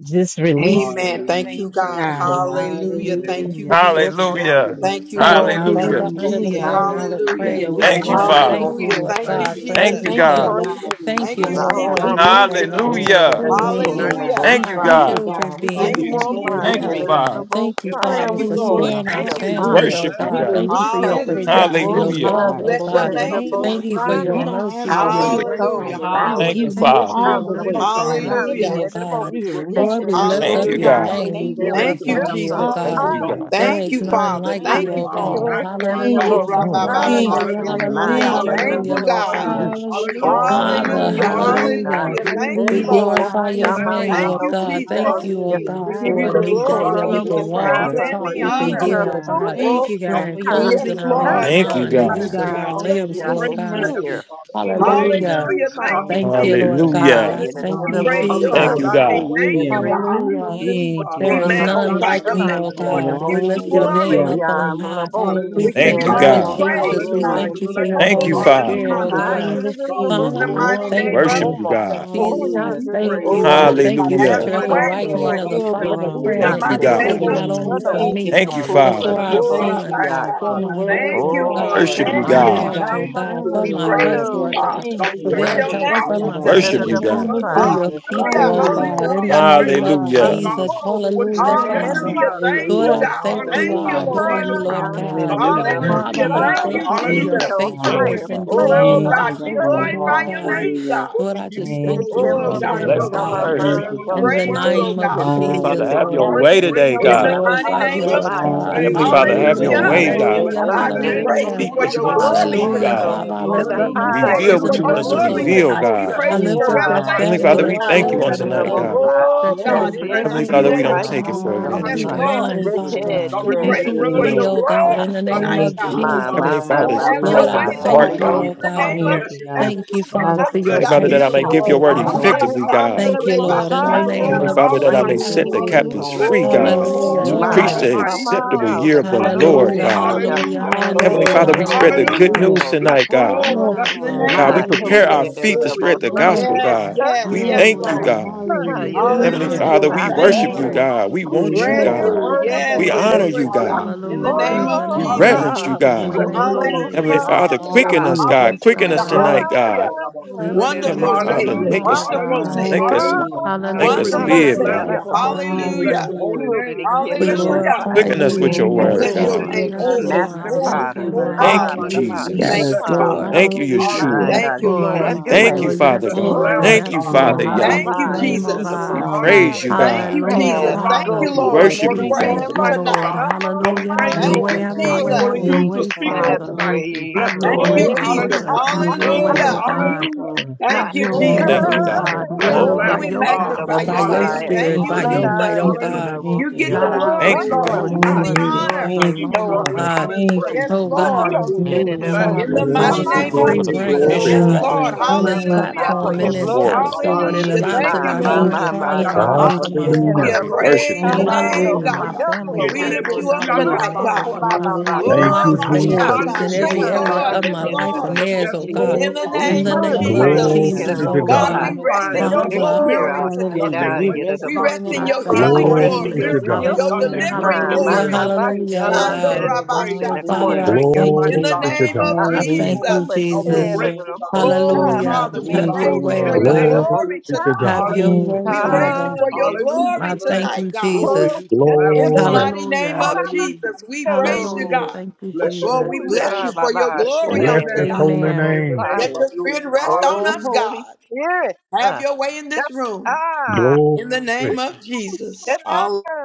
S2: Just release
S1: Amen. Thank
S3: Hallelujah.
S1: you,
S2: everything to
S3: Thank
S1: God.
S3: you,
S2: God.
S3: Father,
S4: And
S3: in
S4: we
S3: the
S1: Hallelujah.
S3: name
S1: Thank you,
S2: Hallelujah.
S3: of
S2: Thank
S4: worship
S3: Jesus.
S1: Jesus.
S2: you,
S4: you with
S5: Hallelujah.
S2: Jesus.
S1: Thank
S3: Hallelujah.
S1: you,
S6: Father,
S4: good
S6: I
S1: Lord.
S6: give you
S3: God,
S1: Thank
S5: Hallelujah.
S6: the
S3: we
S1: you,
S4: humor,
S3: give
S6: honor,
S3: you
S6: the
S1: Jesus.
S4: my
S2: Hallelujah.
S6: glory,
S3: praise.
S6: and the
S3: We give you
S1: Hallelujah.
S2: Hallelujah.
S6: praise,
S2: We
S6: oh
S5: Thank
S3: glory.
S5: you,
S2: thank
S3: We
S6: Lord.
S2: you,
S3: give you
S4: mind.
S6: Thank
S5: Father.
S2: God,
S3: all
S2: for
S6: you,
S1: Hallelujah.
S2: this
S3: honor.
S6: Lord
S1: Thank you,
S3: Thank
S2: day.
S6: God,
S3: you,
S4: Give
S6: for
S2: We
S3: Lord.
S1: Jesus.
S5: Thank you,
S4: you
S2: thank you,
S5: God.
S6: everything.
S3: Hallelujah.
S2: God, for
S4: praise.
S2: this
S6: Thank
S1: Thank
S6: you,
S1: you,
S3: Blessed
S2: morning,
S6: Lord,
S3: be
S6: for
S4: All
S2: God.
S3: the
S6: a
S1: Jesus.
S2: We
S3: name
S6: roof
S3: of
S4: about
S2: thank
S3: the
S2: you,
S3: Lord
S6: over our
S3: our
S4: it,
S2: God,
S3: God.
S6: head,
S4: get
S5: Hallelujah.
S2: for
S4: out
S2: the
S6: food
S4: of
S3: God,
S6: to
S3: we
S2: man of
S4: pulling
S6: eat,
S4: the
S2: God.
S1: Hallelujah.
S4: most
S3: magnify.
S2: We
S5: Thank you,
S6: our
S3: God, we
S2: thank you,
S4: fire.
S5: God.
S3: exalt
S2: God.
S6: children
S2: We
S3: you.
S4: We
S2: give
S3: God,
S1: Thank
S6: being
S2: you
S3: we
S1: you,
S6: in
S4: want
S2: praise
S3: extol
S2: and
S3: your
S6: good
S4: my
S5: Thank you,
S1: Jesus.
S3: name,
S4: get
S2: glory,
S4: out
S6: health.
S3: O
S4: of
S3: God.
S2: God.
S4: the
S5: Father.
S4: most
S6: Thank you,
S3: In the
S4: fire.
S1: Thank
S6: Father,
S3: name
S1: you,
S4: We
S6: for
S3: of
S1: Lord.
S3: Jesus,
S2: Hallelujah.
S6: sparing our
S1: Thank
S4: worship.
S1: you,
S3: glory
S5: We
S3: be to
S6: families,
S2: Hallelujah.
S3: the
S6: oh
S5: worship
S3: Lamb
S5: you,
S3: of
S2: We
S6: God.
S3: God.
S5: God.
S6: Thank you for
S2: release
S1: God.
S6: your
S3: God,
S4: No.
S3: we thank
S1: Hallelujah.
S2: everything
S3: you,
S2: to
S6: protection,
S3: Lord.
S6: your
S4: One
S2: you,
S3: We
S5: Hallelujah.
S3: bless
S1: We
S4: time,
S6: love,
S2: God.
S3: you. We
S6: oh
S4: da
S1: bless
S4: da
S2: In
S1: your
S4: da
S6: God.
S2: the
S3: praise.
S4: da
S3: God,
S1: name
S4: da,
S3: we
S2: name
S4: both
S2: of
S6: Thank you
S1: tonight.
S3: glorify.
S6: for
S2: Jesus,
S3: We
S6: your
S2: we
S4: sides.
S3: honor.
S2: don't
S6: mercy
S2: have no
S6: and
S3: God,
S4: Our
S3: your
S6: your
S2: weights,
S6: grace,
S3: holy and
S6: oh
S2: God.
S4: soul
S1: Hallelujah.
S3: your
S6: God.
S2: We
S4: bow
S2: will
S3: righteous
S5: Thank
S4: with
S5: you,
S2: give
S4: us.
S3: name.
S1: Hallelujah.
S2: you
S6: Thank you
S4: Both
S6: for
S5: Father.
S3: Spirit
S6: your
S2: all
S4: all
S2: the
S3: of the
S4: of the
S3: living
S6: goodness
S2: weights,
S4: most,
S6: and
S3: God,
S2: God,
S4: and
S2: and
S3: Father, we
S4: I'm
S6: mercy,
S4: da
S1: Hallelujah.
S6: oh
S3: pray.
S4: da
S2: heaviness.
S4: da da, both
S3: God,
S6: God.
S2: We
S3: that
S2: will
S3: you would
S4: in the
S2: release
S3: fall
S6: Lord,
S4: da
S2: it
S6: we
S2: to
S4: da
S3: afresh
S4: da
S2: you
S6: lift
S5: Thank
S2: right
S4: both
S6: up
S3: upon
S5: you,
S3: us,
S1: Hallelujah.
S6: your
S3: O
S2: now in
S5: God.
S3: God.
S2: the
S4: in
S6: name.
S4: the
S6: We
S2: name of
S4: very
S3: Glory
S1: Thank
S3: to
S1: you,
S3: the
S2: Jesus.
S6: glorify
S3: Lamb of
S6: you, oh
S4: presence.
S3: God.
S5: Thank
S1: Jesus.
S6: God.
S5: you,
S4: Ah,
S3: God,
S2: Hallelujah.
S3: we
S5: God.
S2: Thank
S4: ah,
S6: There
S3: thank
S1: Thank
S2: you,
S3: you,
S6: is
S1: you,
S3: Lord.
S4: ah,
S6: none
S2: Jesus.
S1: Father.
S3: We
S6: like
S4: ah.
S2: Thank
S6: you,
S1: Thank
S2: you,
S1: you,
S6: O
S3: glorify, we
S4: Da
S1: Lord.
S2: Father.
S6: God.
S4: da
S3: magnify,
S4: da da,
S2: Thank
S3: God, we
S2: you,
S1: Oh,
S6: Hallelujah,
S4: both
S3: give you
S2: Jesus.
S5: Mm.
S6: Father.
S1: Rababa
S3: praise.
S2: Thank
S4: sides.
S2: you,
S6: Hallelujah,
S1: Shandele
S2: Father.
S3: Hallelujah,
S4: My
S6: hallelujah,
S4: da
S1: Masa.
S2: Thank you,
S4: da da,
S1: Thank
S3: hallelujah,
S2: Father.
S6: hallelujah,
S1: you,
S4: both
S6: Lord
S1: God.
S4: sides.
S5: Ooh.
S6: God.
S3: hallelujah,
S2: Hallelujah.
S3: hallelujah,
S4: Oh my
S6: Father,
S3: hallelujah,
S1: Hallelujah.
S4: my my
S2: Hallelujah.
S3: hallelujah,
S4: God,
S6: hallelujah.
S1: Hallelujah.
S4: you
S3: hallelujah.
S1: Thank
S4: said
S6: We
S1: you,
S2: Hallelujah is
S4: cool
S1: Lord.
S2: the
S3: Glory
S4: both
S3: be
S6: glorify
S3: to the
S6: your
S4: sides,
S2: highest
S4: my
S3: Lamb of
S6: name,
S4: my
S1: Thank
S3: God,
S6: Lord
S2: praise.
S4: oh
S1: you,
S4: we
S3: who
S6: God.
S3: was
S6: Thank
S1: Jesus.
S4: thank
S6: you,
S3: and
S4: you.
S6: O
S3: is
S2: Hallelujah.
S3: and
S1: We
S6: God,
S3: is to
S1: give
S6: for
S1: you
S6: a
S1: the
S4: It
S3: come.
S4: ain't
S6: new
S2: Hallelujah.
S6: day
S4: cool
S1: glory.
S3: God,
S1: We
S6: that
S4: on
S3: all
S6: we
S1: give
S4: the
S1: you
S2: Thank
S6: can
S2: you,
S1: the
S4: both
S3: glory,
S6: walk, we
S2: Father.
S4: sides
S1: praise
S3: honor,
S6: can
S3: and
S4: for
S1: and
S6: talk,
S1: the
S3: praise,
S6: we can
S2: Thank
S4: leading
S3: God,
S1: honor.
S2: you,
S6: hear,
S3: be
S4: us
S6: O
S3: unto
S2: God.
S3: your
S6: God.
S4: both
S3: name.
S2: Thank
S1: Oh,
S2: you,
S3: God,
S6: We're
S2: God, for
S3: we
S2: your
S3: thank
S6: enclosed
S3: you,
S1: yes,
S2: loving
S6: in
S3: Lord
S6: our
S4: I
S3: God.
S6: right
S1: Lord.
S4: don't
S2: kindness.
S5: Thank
S3: God,
S5: you,
S4: know
S3: we
S6: mind,
S4: that
S6: the
S2: Thank
S4: it
S3: bless
S2: you,
S4: was
S6: use
S5: God.
S3: you,
S6: of
S3: oh
S2: God,
S6: our
S3: God.
S2: for
S1: Bless
S4: supposed
S1: your
S2: your
S4: to be
S3: We
S6: limbs,
S1: name.
S4: out
S2: grace
S6: Lord
S4: to
S2: and
S3: praise you, oh
S6: God.
S2: mercy.
S4: here
S3: Heavenly Father, in the
S4: most.
S3: name of
S4: I
S6: Hallelujah.
S2: Hallelujah.
S1: Hallelujah.
S3: Yeshua,
S1: Thank
S3: God the
S1: you,
S4: don't
S6: Thank
S4: know.
S6: you, Lord
S1: Jesus.
S3: Christ.
S2: Hallelujah.
S3: Spirit of the
S6: God. I
S5: Hallelujah.
S3: living
S6: thank
S1: We
S3: God,
S6: you,
S1: praise
S3: come and
S1: your
S5: Thank
S3: have
S1: holy
S5: you,
S4: My,
S2: Hallelujah.
S6: Jesus.
S3: thine
S1: name.
S3: own
S5: God.
S3: way,
S1: Thank
S3: Lord.
S1: you,
S4: Every
S2: Hallelujah.
S1: God.
S3: Spirit of
S6: Hallelujah.
S3: the
S4: you
S3: living
S4: put
S2: Thank
S3: God,
S2: you,
S4: for
S1: We
S6: There
S3: come
S4: the
S6: is
S3: and
S2: thank you,
S3: have
S4: labo,
S6: none
S3: thine
S2: thank
S3: own
S1: magnify
S2: you,
S3: way.
S6: like
S4: and
S1: your
S6: you,
S2: thank
S1: name,
S2: you,
S4: I'm
S6: O
S3: God,
S2: Father.
S3: we
S4: better
S1: Lord.
S3: give
S4: the
S3: you
S6: God.
S1: We
S6: We
S1: give
S4: most
S3: thanks,
S1: you the
S6: lift your
S4: here.
S3: glory,
S1: glory.
S6: name
S2: Hallelujah.
S3: honor,
S4: We
S6: up
S3: and
S4: are
S6: on
S3: praise.
S4: the
S6: high.
S4: labo,
S6: We
S4: the
S2: Thank
S1: We
S3: Hallelujah
S2: you.
S1: give
S3: to
S5: Thank
S1: you
S3: the
S6: thank
S5: you,
S6: you
S4: better the
S1: all
S2: Glory,
S6: for
S3: Lamb.
S1: the
S4: most
S5: God.
S4: I
S2: glory,
S4: We
S1: praise,
S4: be
S6: Jesus. We
S3: Hallelujah
S2: glory
S1: God.
S3: to
S6: thank
S4: coming.
S2: to
S6: you
S3: the
S6: for
S1: You
S2: your
S1: get the
S3: Lamb.
S6: your
S5: Thank you,
S6: Holy
S2: name,
S4: Todo,
S1: glory and
S5: Father.
S1: the
S6: Spirit,
S3: Hallelujah
S2: to
S6: O
S3: to
S1: honor,
S2: the
S3: the
S4: toma y
S3: Lamb.
S6: God.
S2: King
S1: Lord.
S4: de
S2: of
S3: God,
S4: the
S3: we
S2: Kings,
S1: In
S4: most
S2: and
S1: the
S6: Father,
S2: the
S6: I
S4: here,
S3: glorify,
S1: mighty
S2: Lord of
S3: we
S6: thank
S4: es
S1: name of
S5: Worship
S6: you.
S2: Lords.
S5: you,
S4: como,
S3: magnify.
S5: God.
S1: Jesus.
S3: God, we
S4: hoy
S6: Jesus,
S3: give
S6: I
S2: Hallelujah.
S3: you
S4: ande de the
S6: thank
S2: Thank you,
S3: praise
S4: most
S6: you. I
S4: here,
S1: Oh,
S3: in
S2: Father.
S6: thank
S1: God,
S6: you
S1: have
S6: that
S3: Yahushua's
S4: entonces,
S5: Hallelujah.
S6: you're at
S1: your
S6: the
S3: mighty
S2: Thank
S1: way,
S6: right
S3: name.
S2: you.
S6: hand
S1: Lord.
S4: aso,
S6: of
S3: God,
S6: the
S3: we
S2: Fill the
S3: thank
S4: le
S3: you,
S6: Father,
S2: room,
S3: Lord
S1: In
S6: praying
S1: the
S6: and
S5: Thank
S3: Father.
S2: God.
S4: pillan
S5: you,
S4: de
S1: mighty
S3: God,
S1: name
S4: the
S2: Fill
S3: that
S2: the
S5: God.
S6: interceding
S3: it's
S1: of
S4: most
S6: not
S3: you
S2: room.
S3: for
S6: only
S3: whom
S1: Jesus.
S6: for
S4: sano,
S3: all
S2: Thank you,
S6: me,
S4: lo
S5: Thank you,
S3: blessings do
S2: Father.
S6: but
S3: flow.
S4: cura
S6: for
S5: Father.
S4: de
S2: We
S6: our
S4: the
S1: Oh,
S3: God,
S4: most
S2: thank
S3: we
S6: son,
S2: you,
S1: Rabbi
S4: fiat.
S2: God,
S1: Shaka.
S2: for
S6: for
S3: magnify.
S2: your
S6: my
S3: God,
S2: word
S3: we
S1: Thank
S2: that's
S6: husband, oh
S1: you,
S3: exalt
S2: coming
S3: you,
S1: Lord.
S4: Oh,
S6: God,
S3: O
S2: forth.
S5: Worship
S6: for
S5: you,
S3: God,
S6: my
S1: Thank
S4: my,
S2: Thank
S1: you.
S3: in
S2: you,
S5: God.
S3: the
S6: marriage, oh
S4: come
S3: name
S2: God.
S3: of
S6: God, for
S1: We
S3: Yahushua.
S6: my
S1: praise
S6: health,
S2: Hallelujah.
S1: you,
S6: Lord
S3: Hallelujah.
S4: on,
S6: God,
S1: Father. We
S3: God,
S2: Thank
S3: we
S2: you,
S6: for
S3: thank
S1: Bless
S3: you,
S6: their
S2: God.
S1: your
S3: Lord
S4: rain,
S6: health,
S2: Bless
S3: God,
S1: name,
S6: for
S2: them,
S4: it
S6: my
S3: Father,
S2: God.
S3: for
S1: Jesus.
S4: get
S2: In
S5: Worship
S2: the
S3: what
S5: you,
S4: the
S6: family
S3: you have
S4: most
S2: name
S5: God.
S3: done,
S2: of
S3: O
S6: for
S4: side,
S3: God.
S6: your
S4: you
S2: Jesus.
S4: have
S3: God, in
S6: people,
S4: your
S1: Hallelujah,
S6: oh
S3: this
S4: way.
S3: week,
S2: Hallelujah.
S6: God,
S3: O
S4: Oh,
S3: God,
S6: in the
S1: hallelujah,
S3: we thank
S6: name
S3: you,
S4: Spirit.
S6: of
S4: Ah,
S3: Lord
S5: Hallelujah.
S3: God,
S2: Hallelujah.
S6: Jesus.
S3: Father,
S4: oh,
S3: for what is
S6: Hallelujah,
S3: still yet to be
S6: Father.
S4: lelelelema,
S1: hallelujah.
S3: done.
S4: eh,
S1: Thank
S6: Lord,
S1: you,
S2: Hallelujah,
S6: I
S3: Glory and
S1: God.
S4: eh,
S6: thank
S3: honor,
S4: eh.
S6: you.
S3: oh
S1: Thank you,
S6: I
S3: God,
S2: hallelujah,
S6: adore
S1: Lord.
S3: dominion
S6: you,
S3: and
S4: High
S6: Lord
S3: power
S4: on da
S3: that
S4: da
S6: God.
S4: da
S3: belong
S4: da
S2: hallelujah.
S3: unto
S4: most
S5: Mm,
S3: you,
S1: Hallelujah.
S6: Father,
S3: oh
S6: I
S2: Thank
S1: Thank
S3: Father.
S2: you,
S4: higher,
S6: thank
S1: you,
S6: you for
S2: thank
S6: your
S2: you,
S3: Hallelujah.
S1: Jesus.
S4: no
S5: Thank
S2: Father.
S3: Glory
S5: you,
S4: higher
S6: faithfulness.
S3: be to
S5: Father.
S3: the
S6: Indeed,
S3: Lamb
S4: place.
S3: of
S1: Oh,
S6: you
S2: Thank
S6: are
S2: you,
S1: God,
S3: God.
S1: we
S4: Ah,
S6: faithful,
S2: God.
S3: God, we
S6: Lord
S3: give
S1: glorify
S3: you
S1: your
S6: God.
S3: praise.
S1: name,
S2: Hallelujah.
S1: God.
S6: Lord,
S3: We
S6: I
S3: give you
S6: just
S4: Stay
S2: Thank
S6: thank
S2: you,
S3: glory.
S6: you
S5: Heavenly
S4: still
S6: on
S4: in
S1: Oh,
S3: We
S4: the
S5: Father,
S3: give
S1: God,
S3: you
S6: today,
S3: the
S6: oh
S2: Jesus.
S5: bless
S1: above
S5: the
S4: of
S1: all
S3: honor.
S4: our
S6: God.
S1: the
S3: For
S5: words,
S1: earth.
S2: Thank
S3: you
S2: you,
S4: mind,
S5: God.
S1: We
S6: In
S3: alone are
S6: the
S2: Jesus.
S1: praise you,
S4: as
S3: worthy.
S1: oh,
S6: name
S4: you
S6: of
S3: God,
S1: God,
S3: you
S5: Heavenly
S3: alone
S4: continue
S5: Father,
S3: are
S6: Jesus,
S4: to
S5: have
S3: God of
S5: your
S4: cast
S2: Hallelujah.
S3: great
S6: Lord,
S5: way
S4: the
S3: and
S2: Thank
S3: greatly
S5: today,
S2: you,
S3: to
S6: we
S1: in
S3: be
S4: silver,
S1: the
S4: of
S5: God.
S2: Jesus.
S3: praised.
S1: mighty
S6: glorify
S4: fire
S6: you,
S1: name of
S6: Lord
S3: Blessed
S4: around
S3: be the
S4: it.
S1: Jesus.
S6: God.
S5: Heavenly
S3: name.
S2: Hallelujah.
S4: Let
S5: Father,
S4: it
S5: have
S3: Blessed
S5: your
S4: in
S3: be
S6: Hallelujah,
S3: the
S1: Hallelujah.
S4: the
S2: Amen.
S5: way,
S2: Have
S3: name.
S4: most
S2: your
S5: God.
S6: hallelujah,
S3: Blessed
S2: way,
S3: be
S1: God,
S4: around
S3: the
S1: we
S4: it,
S2: God.
S4: in
S3: name of
S1: praise
S6: hallelujah.
S3: the
S1: you
S5: Speak
S3: Lord
S1: for
S5: what
S3: our
S2: Have
S5: you
S1: your
S5: want
S2: your
S5: us
S3: God.
S5: to
S2: way,
S1: glory
S5: speak,
S6: Hallelujah,
S2: God.
S1: tonight.
S4: so
S5: God.
S3: Hallelujah.
S6: Father.
S2: Have
S6: I
S2: your
S4: to
S6: lift
S4: the
S6: up
S2: way,
S1: We
S6: my
S3: Hallelujah.
S2: God.
S1: praise you
S4: higher
S5: Reveal
S6: sisters
S1: for
S5: what you
S6: and
S3: Hallelujah.
S5: want
S1: your
S5: us to
S6: brothers, oh
S1: glory
S4: calling,
S2: Hallelujah.
S3: Hallelujah.
S4: the
S5: reveal,
S6: God.
S1: tonight.
S4: most
S1: We
S5: God.
S3: Bless
S6: I
S1: praise
S3: the
S1: you
S2: Thank
S6: lift
S1: for
S3: Lord,
S2: you,
S6: up
S4: high,
S3: oh
S6: their
S3: my
S2: God.
S5: Heavenly
S1: revelation
S6: family,
S3: soul,
S5: Father,
S2: Yes,
S6: their
S5: we
S3: and
S1: tonight.
S4: little,
S5: thank you
S3: all
S4: you
S5: on
S4: know,
S3: that
S6: children,
S2: God.
S3: is
S6: oh
S4: the
S5: tonight,
S3: within
S4: most
S2: Yes.
S6: God,
S3: you,
S5: God.
S3: oh
S4: high,
S3: God.
S1: Oh
S6: that you
S4: that
S3: God,
S6: may
S1: God,
S4: is
S3: we
S2: Yes,
S1: in
S2: we
S1: the
S3: thank
S6: protect
S3: you.
S5: Heavenly
S4: in
S3: We
S2: thank
S1: mighty
S6: them
S4: you,
S5: Father,
S2: you,
S6: and
S5: we
S1: name
S6: keep
S5: don't
S1: of
S4: Christ
S2: God.
S6: them,
S3: glorify
S5: take it
S3: you.
S1: Jesus.
S6: oh
S5: for
S6: God,
S4: Jesus.
S6: and
S3: God,
S1: Yes,
S3: in
S5: advantage,
S6: keep
S3: the
S4: Uh,
S5: God.
S2: Hallelujah.
S3: name
S1: Lord.
S3: of
S6: mine,
S4: Let
S2: Thank you,
S3: Yeshua,
S6: Father,
S4: it,
S2: God.
S3: God,
S1: We
S3: release
S6: and
S4: it,
S1: praise
S4: in
S3: the
S1: you
S6: keep
S1: for
S4: the
S2: Hallelujah.
S6: me,
S1: your
S3: revelation
S6: oh
S4: most,
S6: God,
S3: power,
S4: yeah.
S6: in
S1: glory
S6: the
S3: God,
S4: so,
S3: in
S6: name
S1: tonight,
S3: this
S6: of
S2: Thank you,
S3: place,
S1: God.
S3: oh
S4: My,
S2: God.
S3: God.
S5: Heavenly
S4: my,
S6: Jesus.
S4: my,
S3: Draw
S5: Father,
S4: my,
S5: soften
S3: us
S1: Have
S4: my
S6: Lord,
S1: your
S3: close
S2: Hallelujah.
S6: I
S3: to
S5: my
S4: God,
S1: way,
S3: thee,
S6: thank
S3: oh
S5: heart,
S1: Lord.
S4: Holy
S6: you,
S3: God.
S4: Ghost
S5: God.
S6: oh
S1: In
S2: Hallelujah.
S1: the
S3: God, in
S6: God.
S1: name
S3: the
S1: of
S2: Thank
S4: fire.
S2: you,
S3: blessed
S2: God.
S3: name of
S1: Jesus,
S6: Thank
S3: your
S6: you,
S1: we
S3: Son.
S1: wait
S2: God
S6: Father,
S4: Ah,
S6: for
S1: for
S2: said
S1: you,
S5: Heavenly
S6: your
S4: ah,
S2: to
S1: God.
S5: Father,
S3: Blessed be
S5: that
S2: make
S5: I
S2: a
S3: the
S5: may
S4: ah.
S6: patience,
S5: give
S3: Lord
S5: your
S6: oh
S5: word
S2: joyful
S3: God
S4: From
S6: God.
S4: there,
S3: Almighty.
S2: noise.
S5: effectively,
S4: you
S5: God.
S1: Amasando
S3: Hallelujah.
S6: Thank you,
S2: Make
S4: know,
S2: a
S1: reba
S6: Lord,
S3: Blessed
S6: in
S3: be
S6: the
S3: the
S2: joyful
S4: fire
S6: name
S5: Heavenly
S3: Lord
S6: of
S1: shatananaba.
S3: God
S5: Father,
S2: noise.
S5: that I may
S4: rain
S3: Almighty.
S5: set
S6: Jesus.
S5: the
S3: Hallelujah.
S2: Hallelujah.
S5: captives
S4: on
S5: free,
S3: Blessed be
S4: us.
S3: the
S5: God,
S2: Ah,
S6: Hallelujah,
S3: Lord
S1: Oh
S6: oh
S5: to
S4: My
S3: God
S1: God,
S5: preach
S2: yes.
S1: in
S6: God.
S5: the
S1: the
S3: Almighty
S1: name
S4: Shama,
S3: in
S1: of
S3: the
S5: acceptable
S2: Hallelujah.
S3: name
S5: year
S1: Jesus,
S5: of the
S3: of
S1: have your
S4: little
S5: Lord,
S2: Yes,
S3: Yahushua.
S6: Hallelujah,
S1: way,
S5: God.
S1: God.
S4: Sia.
S2: God.
S6: hallelujah,
S3: Hallelujah.
S5: Heavenly
S6: hallelujah,
S4: Oh,
S5: Father,
S2: Hallelujah.
S3: Glory.
S5: we
S4: Mary,
S5: spread the
S6: hallelujah,
S4: the
S5: good
S3: Hallelujah.
S2: Hallelujah.
S5: news
S6: Father.
S4: little
S3: Bless
S5: tonight,
S3: the
S5: God.
S3: Lord.
S4: fire.
S6: Lord,
S2: Yes,
S6: I
S3: Bless
S1: In
S3: the
S1: the
S6: thank
S2: God.
S3: Lord.
S1: name
S6: you,
S5: God, we
S1: of
S4: My
S3: Bless the
S5: prepare
S3: Lord.
S6: Jesus.
S5: our
S1: Jesus.
S4: Tokyo,
S2: Hallelujah.
S4: the
S5: feet to
S3: Glory to
S5: spread
S4: little
S5: the
S3: the Lamb
S4: Sia.
S2: Yes,
S3: of
S5: gospel,
S4: We
S1: Yes,
S3: God.
S5: God.
S2: God.
S3: We
S1: yes,
S5: We
S3: give you
S1: yes,
S2: Yes,
S5: thank
S4: searching.
S5: you,
S1: Lord.
S3: praise.
S2: God.
S6: Hallelujah.
S5: God.
S3: We
S6: I
S3: give
S4: Ah,
S3: you
S2: Hallelujah.
S6: give
S4: you
S6: you
S4: know,
S6: the
S2: Thank
S4: the
S3: glory.
S5: Heavenly
S6: honor,
S2: you.
S6: the
S4: little
S1: Hallelujah.
S3: God,
S5: Father,
S3: we
S1: We
S5: we
S4: fire
S3: give
S6: glory,
S3: you
S6: and
S4: for
S6: the
S1: thank you,
S5: worship
S2: Thank
S3: all of
S5: you,
S3: the
S4: more.
S2: you.
S1: God.
S6: praise.
S5: God.
S3: honor.
S2: Thank
S5: We
S4: Who's
S3: For
S5: want
S3: you
S5: you,
S4: the
S2: you.
S3: alone
S2: Yes.
S6: Lord,
S3: are
S5: God.
S6: I
S1: Breakthrough.
S3: worthy,
S6: thank
S4: little
S1: Yes,
S3: oh
S5: We
S6: you,
S3: God.
S4: sea?
S5: honor you,
S1: deliverance,
S2: Hallelujah.
S6: Jesus.
S1: God.
S5: God.
S2: Thank
S3: Hallelujah.
S1: In
S2: you.
S1: the
S6: Hallelujah.
S1: name
S2: Thank
S6: In
S1: of
S6: the
S3: Hallelujah.
S2: you,
S5: We
S4: Oh,
S6: name
S2: Father.
S6: of
S1: Jesus.
S5: reverence
S3: Hallelujah.
S5: you,
S4: God, we
S6: Jesus,
S2: In
S6: in
S5: God.
S6: the
S2: the
S4: call
S3: Bless the
S6: name of
S2: name
S3: Lord.
S1: Hallelujah.
S2: of
S4: the
S5: Heavenly
S6: Jesus.
S2: Jesus.
S1: Thank
S5: Father,
S3: Ah,
S1: you,
S4: little
S1: God.
S5: quicken
S4: fire.
S5: us,
S2: Hallelujah.
S5: God.
S6: Yes,
S5: Quicken
S3: Shetarabosoko
S5: us
S1: Hallelujah.
S6: God.
S2: Yes,
S5: tonight,
S3: Raban,
S1: Hallelujah.
S5: God.
S2: God. In the
S6: We
S3: Shekerabosia.
S2: name
S6: lift
S4: Yielded
S2: of
S6: your
S5: Heavenly
S1: Wonderful
S6: name up
S2: Jesus.
S5: Father,
S6: on
S1: Savior.
S2: Thank
S5: make
S3: Hallelujah,
S2: you.
S6: high,
S5: us, li-
S1: Wonderful
S3: hallelujah,
S6: God.
S1: Savior.
S5: make us live,
S3: hallelujah.
S2: Hallelujah.
S5: make
S3: Glory
S5: us
S3: be
S2: Hallelujah.
S6: Hallelujah,
S1: Wonderful
S3: to the
S5: live,
S3: Lamb of
S5: God.
S6: Jesus.
S1: Savior.
S3: God. Bless
S1: Hallelujah.
S6: Hallelujah.
S3: your holy
S2: Hallelujah.
S3: name.
S4: it yet
S6: We
S3: Bless
S4: the
S3: your
S2: Hallelujah.
S4: most
S1: Hallelujah.
S4: high
S6: glorify
S3: wonderful
S2: We
S5: Quicken us
S3: holy
S4: in
S5: with
S6: you.
S5: your
S2: bind
S3: name.
S1: We
S4: the
S2: you,
S6: Yes,
S5: word,
S1: bless
S2: Holy
S4: hands
S1: your
S5: God.
S4: of
S6: Lord.
S3: Holy,
S2: Spirit,
S1: name,
S6: Yes,
S4: the
S2: God, that
S3: holy,
S2: is
S1: Jesus.
S4: master
S6: Lord.
S2: not
S6: Yes,
S3: holy
S2: like
S3: is the
S2: you,
S4: potter.
S3: Lord
S2: God,
S3: God
S2: in
S6: Lord.
S2: the
S5: Thank
S4: Ah,
S5: you,
S4: the
S3: Almighty.
S2: name of
S1: Hallelujah.
S3: We
S1: Thank
S5: Jesus.
S2: Jesus.
S6: Yes,
S1: you,
S3: bless you, O
S4: son,
S6: Lord.
S1: Father.
S3: Lord.
S5: Thank you,
S2: Hallelujah,
S4: my
S5: Yeshua.
S2: God.
S6: Yes,
S3: Hallelujah.
S1: Thank
S4: God, if
S1: you,
S2: Thank
S4: you
S2: you,
S6: Lord.
S3: Bless
S4: have
S1: Lord.
S6: We
S3: the
S4: your
S2: Father
S6: give
S4: way.
S5: Thank
S2: God.
S6: you
S5: you,
S3: Lord.
S6: a
S1: Thank you,
S5: Father
S6: yes,
S3: Bless the
S2: Thank
S1: Jesus.
S5: God.
S6: Lord,
S2: you,
S3: Lamb
S6: a
S4: Oh,
S3: of
S5: Thank
S6: yes,
S4: they
S5: you,
S3: God.
S2: Yeshua.
S6: Lord,
S4: call
S5: Father
S6: in
S4: my
S3: We
S5: Yah.
S1: Thank
S3: give
S6: Jesus'
S3: you
S1: you,
S4: mama, you
S2: Hallelujah.
S6: name,
S3: thanks
S4: know,
S6: oh
S3: and
S2: Thank
S4: the
S2: you,
S1: Jesus.
S3: glory,
S5: We
S4: most
S6: God.
S3: honor, and
S2: Yahweh.
S5: praise
S4: high.
S5: you,
S3: praise.
S1: Thank
S5: God.
S1: you,
S3: Thank
S2: Thank
S3: you,
S6: Hallelujah,
S2: you.
S3: Lord
S4: Have
S1: Jesus.
S3: God,
S1: Thank
S4: go
S6: Father.
S1: you,
S3: Father,
S5: We
S3: for what
S2: Hallelujah.
S3: you're
S1: Lord.
S4: swimming
S5: worship
S3: going
S1: We
S6: We
S3: to
S5: you,
S4: in
S2: Thank
S3: do on
S2: you.
S1: praise
S4: the
S5: God.
S6: thank
S1: you
S6: you,
S3: tonight,
S4: most.
S3: oh
S6: Lord.
S1: tonight.
S3: God.
S4: Come on,
S3: God, we
S6: Hallelujah.
S3: thank
S6: Have
S3: you,
S6: your
S1: Thank
S4: my
S2: Thank
S3: Lord,
S6: way,
S2: you,
S1: you,
S6: have your
S3: how you're
S6: way,
S2: Father.
S3: going
S6: have
S1: Jesus.
S3: to
S4: soul.
S6: your
S3: use
S2: Thank
S3: the
S2: you,
S6: way,
S3: speaker
S2: Father.
S3: on
S4: Have
S6: Father.
S4: the
S3: tonight.
S2: Thank you.
S4: way,
S3: Bless
S6: Have
S4: the
S3: the
S6: your
S4: Lord.
S1: Thank
S3: Lord.
S1: you,
S6: way,
S2: Thank
S4: It
S2: you,
S4: could
S1: Jesus.
S2: Father.
S4: up,
S6: Jesus.
S3: Hallelujah.
S6: Have
S4: up,
S2: Thank you,
S6: your
S5: Thank
S4: up,
S6: way,
S5: you,
S3: Glory.
S2: Father.
S6: oh
S1: Hallelujah.
S5: God.
S2: Thank
S6: God.
S2: you,
S3: Hallelujah.
S2: Father.
S3: Bless
S4: up,
S1: Thank
S6: Have
S4: up.
S3: the
S1: you,
S6: your
S3: Lord.
S6: way,
S5: Thank
S1: Jesus.
S5: you,
S6: oh
S2: Hallelujah.
S5: God,
S3: Hallelujah.
S5: for
S6: God.
S3: Bless
S4: Higher
S3: the
S6: Move
S5: allowing
S1: Oh,
S6: by
S4: than
S3: Lamb
S5: me
S2: Hallelujah.
S1: we
S3: of
S5: to
S6: your
S4: the
S3: God.
S5: come
S6: power,
S1: magnify
S4: double
S2: Hallelujah.
S6: by
S1: your
S5: forward,
S6: your
S5: God.
S1: name.
S4: Fire.
S3: Hallelujah.
S1: Thank
S6: spirit,
S2: Thank
S1: you,
S6: by
S4: Blood
S6: your
S2: you.
S1: Jesus.
S3: Hallelujah.
S6: might,
S4: eye,
S6: oh
S4: you
S2: Thank you.
S4: the
S3: Hallelujah.
S6: God.
S2: Thank
S4: most
S1: You
S2: you.
S1: get
S4: fear
S1: the
S6: Not
S4: on.
S3: Glory,
S1: glory,
S6: ours,
S5: Thank you,
S3: glory,
S4: Joint
S6: Lord,
S4: of
S1: Lord. You
S6: but
S3: glory.
S5: God.
S1: get
S4: us,
S1: the
S6: yours and
S2: Hallelujah.
S1: honor.
S6: yours
S3: We
S2: Thank
S3: give
S2: you,
S3: you
S6: alone,
S4: Noah.
S6: oh
S3: glory,
S2: Father.
S6: God.
S3: honor, and
S2: Thank you,
S1: Yes,
S3: praise.
S6: Oh
S4: Who
S2: Jesus.
S1: Lord.
S6: God,
S4: on
S3: Hallelujah
S5: Mm,
S3: to the
S6: move,
S4: the
S3: Lamb.
S2: Thank
S4: most?
S1: In the
S6: Father.
S2: you,
S4: Come
S1: mighty
S7: Glory,
S6: Please
S4: on,
S5: Thank
S6: have
S1: name
S5: you
S4: my-
S1: of
S3: Hallelujah
S6: free
S2: Yahshua.
S5: for
S3: to
S5: the
S7: glory,
S3: the
S6: reign,
S1: Jesus.
S3: Lamb.
S6: oh
S7: glory.
S1: Yes,
S5: permission,
S4: Oh,
S6: God,
S2: Thank
S5: God,
S3: Bless
S1: Lord.
S3: the
S2: you.
S4: my,
S6: on
S3: Lord.
S4: my,
S6: this
S4: my,
S2: Thank
S4: my,
S2: you,
S1: Hallelujah.
S5: to
S3: Ah,
S4: for
S6: platform, in
S4: your
S5: come
S2: Father.
S6: this
S4: glory.
S3: Shoto
S5: forward,
S6: house,
S3: Baba
S6: Lord,
S5: God.
S6: in the
S1: Hallelujah.
S3: Sheke
S2: Thank
S6: lives
S1: Thank
S2: you.
S6: of
S4: My,
S1: you,
S6: our
S4: my,
S1: Lord.
S2: Thank
S6: son,
S2: you.
S4: my,
S3: Rendebosi
S6: Carl,
S4: my
S2: Thank
S6: and
S2: you.
S6: the
S4: God.
S6: life
S2: Thank
S1: Hallelujah.
S6: of
S3: Andarabahaya.
S6: my
S2: you.
S4: Prepare
S7: Hallelujah.
S4: the
S5: We
S6: husband,
S4: most
S2: We
S5: worship
S1: Praise
S3: Andorobosi
S5: you,
S6: in
S1: your
S2: thank
S6: my
S5: God.
S4: command
S6: life,
S1: name,
S6: in
S4: for
S2: you.
S6: my
S3: Kotorabosaya.
S1: God.
S4: your
S6: family's
S2: Lord.
S1: We
S6: life,
S4: glory.
S1: lift
S6: Lord
S1: you
S3: Yetelebosi
S6: God,
S1: up
S6: in
S2: Hallelujah.
S6: my
S4: Look
S1: tonight,
S4: to
S3: Andarabaha
S6: marriage,
S1: God.
S6: oh God,
S4: Kumaba, my
S2: Hallelujah. You
S6: in
S3: Sakatarabahaya.
S7: Thank
S6: my
S2: loose
S1: Oh,
S2: your
S7: you,
S1: my
S4: Ah,
S2: spirit
S7: Jesus.
S2: and
S6: relationships,
S3: Koramande
S2: your
S1: Shatta.
S6: in
S4: come
S2: anointing
S1: Yes,
S6: every
S4: on,
S2: in
S6: area
S4: y'all
S1: Lord.
S3: Shikoramande
S2: this
S6: of
S4: done
S6: my
S1: Yes,
S4: did
S2: room,
S4: it
S6: life
S3: Ribasi.
S1: Lord.
S6: and
S2: God.
S4: the whole
S6: theirs,
S3: Yes,
S6: oh
S2: In the
S4: thing.
S6: God.
S1: In
S3: Lord,
S2: name
S1: the
S2: of
S4: It
S3: Father,
S4: is
S6: In
S1: name
S6: the
S2: Jesus,
S1: of
S3: in
S4: good,
S3: the
S2: have
S6: name of
S2: your
S4: conscious,
S3: name of
S2: way,
S4: and
S7: Glory
S1: Jesus.
S2: God.
S6: Jesus,
S3: Jesus.
S4: the
S7: to
S6: oh
S2: In
S4: whole
S2: the
S3: God,
S7: God.
S1: God,
S4: side,
S3: let
S2: name
S1: we
S6: God.
S2: of
S1: rest
S3: signs,
S1: in
S4: that
S2: Jesus.
S1: your
S4: we are
S6: Father,
S3: wonders, and
S6: I
S4: here,
S1: glory
S4: all
S3: miracles
S6: glorify
S3: that
S4: shit
S6: you,
S1: tonight.
S3: take
S2: Hallelujah.
S4: out of
S2: We
S6: Lord.
S3: place,
S4: the
S2: rest,
S3: oh
S1: We
S4: whole
S3: God.
S2: rule, and
S1: rest
S4: thing.
S1: in
S6: I
S3: Let
S1: your
S2: abide
S6: thank
S2: in
S3: signs,
S2: you,
S1: healing
S6: you,
S3: wonders,
S4: According
S2: God.
S4: to
S3: and
S7: Glory
S1: glory,
S4: your
S6: Jesus.
S7: to
S3: miracles
S7: God.
S4: will,
S2: Yes,
S1: your
S3: that take
S6: Hallelujah,
S2: God.
S3: place
S1: delivering
S4: my,
S3: in your
S4: my,
S6: hallelujah,
S1: glory.
S4: my,
S2: Hallelujah.
S3: ocean's
S4: my,
S3: name.
S6: hallelujah,
S4: shut
S6: oh
S3: God,
S4: on,
S2: Yes,
S3: we
S1: Shando
S4: did
S3: give
S6: God.
S4: it
S2: God.
S3: you
S4: almost
S3: praise.
S4: in
S3: We
S1: Rabashata.
S6: Father,
S4: according
S2: Hallelujah.
S6: I
S4: to
S3: thank
S4: your
S3: you,
S2: Thank
S6: thank
S2: you,
S1: In
S3: mighty
S7: Glory
S1: the
S6: you.
S3: God.
S2: Jesus.
S7: to
S1: name
S7: God.
S3: We
S1: of
S4: I
S6: I
S3: thank you,
S2: Hallelujah.
S6: thank
S3: Lord.
S6: you,
S4: come and
S1: Jesus.
S3: God,
S2: In
S3: we're
S2: the
S4: tell
S6: Jesus.
S4: the
S2: name
S3: grateful,
S2: of
S3: God.
S4: whole
S3: We're
S1: Oh,
S4: side,
S2: Jesus.
S6: Hallelujah.
S1: Father,
S3: appreciative,
S1: we
S3: oh
S6: Have
S2: Thank
S3: God,
S2: you,
S6: your
S1: praise
S4: Nicole,
S1: you
S4: did
S6: way,
S3: in
S1: for
S6: oh
S3: the
S2: Lord.
S1: your
S4: it
S3: name
S4: the
S6: God.
S3: of
S4: Most
S1: glory
S7: Glory
S3: Yeshua.
S7: to
S1: tonight.
S7: God.
S4: side,
S6: Have your
S3: Hallelujah
S2: Thank
S6: way,
S3: to
S2: you,
S1: We
S3: the
S1: praise
S3: Lamb.
S1: you
S2: Jesus.
S6: Father.
S1: for your
S4: Hallelujah.
S3: Hallelujah
S1: glory
S3: to
S6: I
S3: the
S6: thank
S3: Lamb.
S1: tonight,
S6: you,
S1: God.
S3: Glory
S4: Oh,
S6: Jesus.
S3: be to the Lamb
S4: today.
S3: of
S1: In the
S3: God.
S7: Glory.
S1: mighty name
S6: Hallelujah.
S1: of
S3: Hallelujah.
S1: Jesus, we
S3: Yes,
S1: praise you,
S4: Hallelujah.
S6: Hallelujah.
S3: Lord.
S1: God.
S6: Thank you,
S3: Bless your
S1: Lord,
S6: Jesus.
S1: we
S3: holy
S4: Ooh,
S1: bless
S4: my,
S3: name.
S1: you
S4: my,
S1: for your
S4: my.
S3: Bless your
S1: glory
S3: holy
S7: Bless
S4: Today,
S1: on
S7: his
S4: you're
S3: name
S4: the
S1: tonight.
S7: holy
S6: Amen.
S4: beautiful
S3: in the
S7: name.
S3: name
S1: Let
S3: of
S4: fire.
S1: your spirit
S3: Yeshua.
S1: rest on
S4: Oh,
S1: us,
S3: Hallelujah.
S4: Holy
S1: God.
S4: Spirit.
S1: Have
S4: Ah,
S1: your way in this
S4: yep.
S1: room.
S4: ah,
S1: In the
S7: Glory.
S1: name of Jesus.
S4: and ah.
S1: Hallelujah.
S4: ah.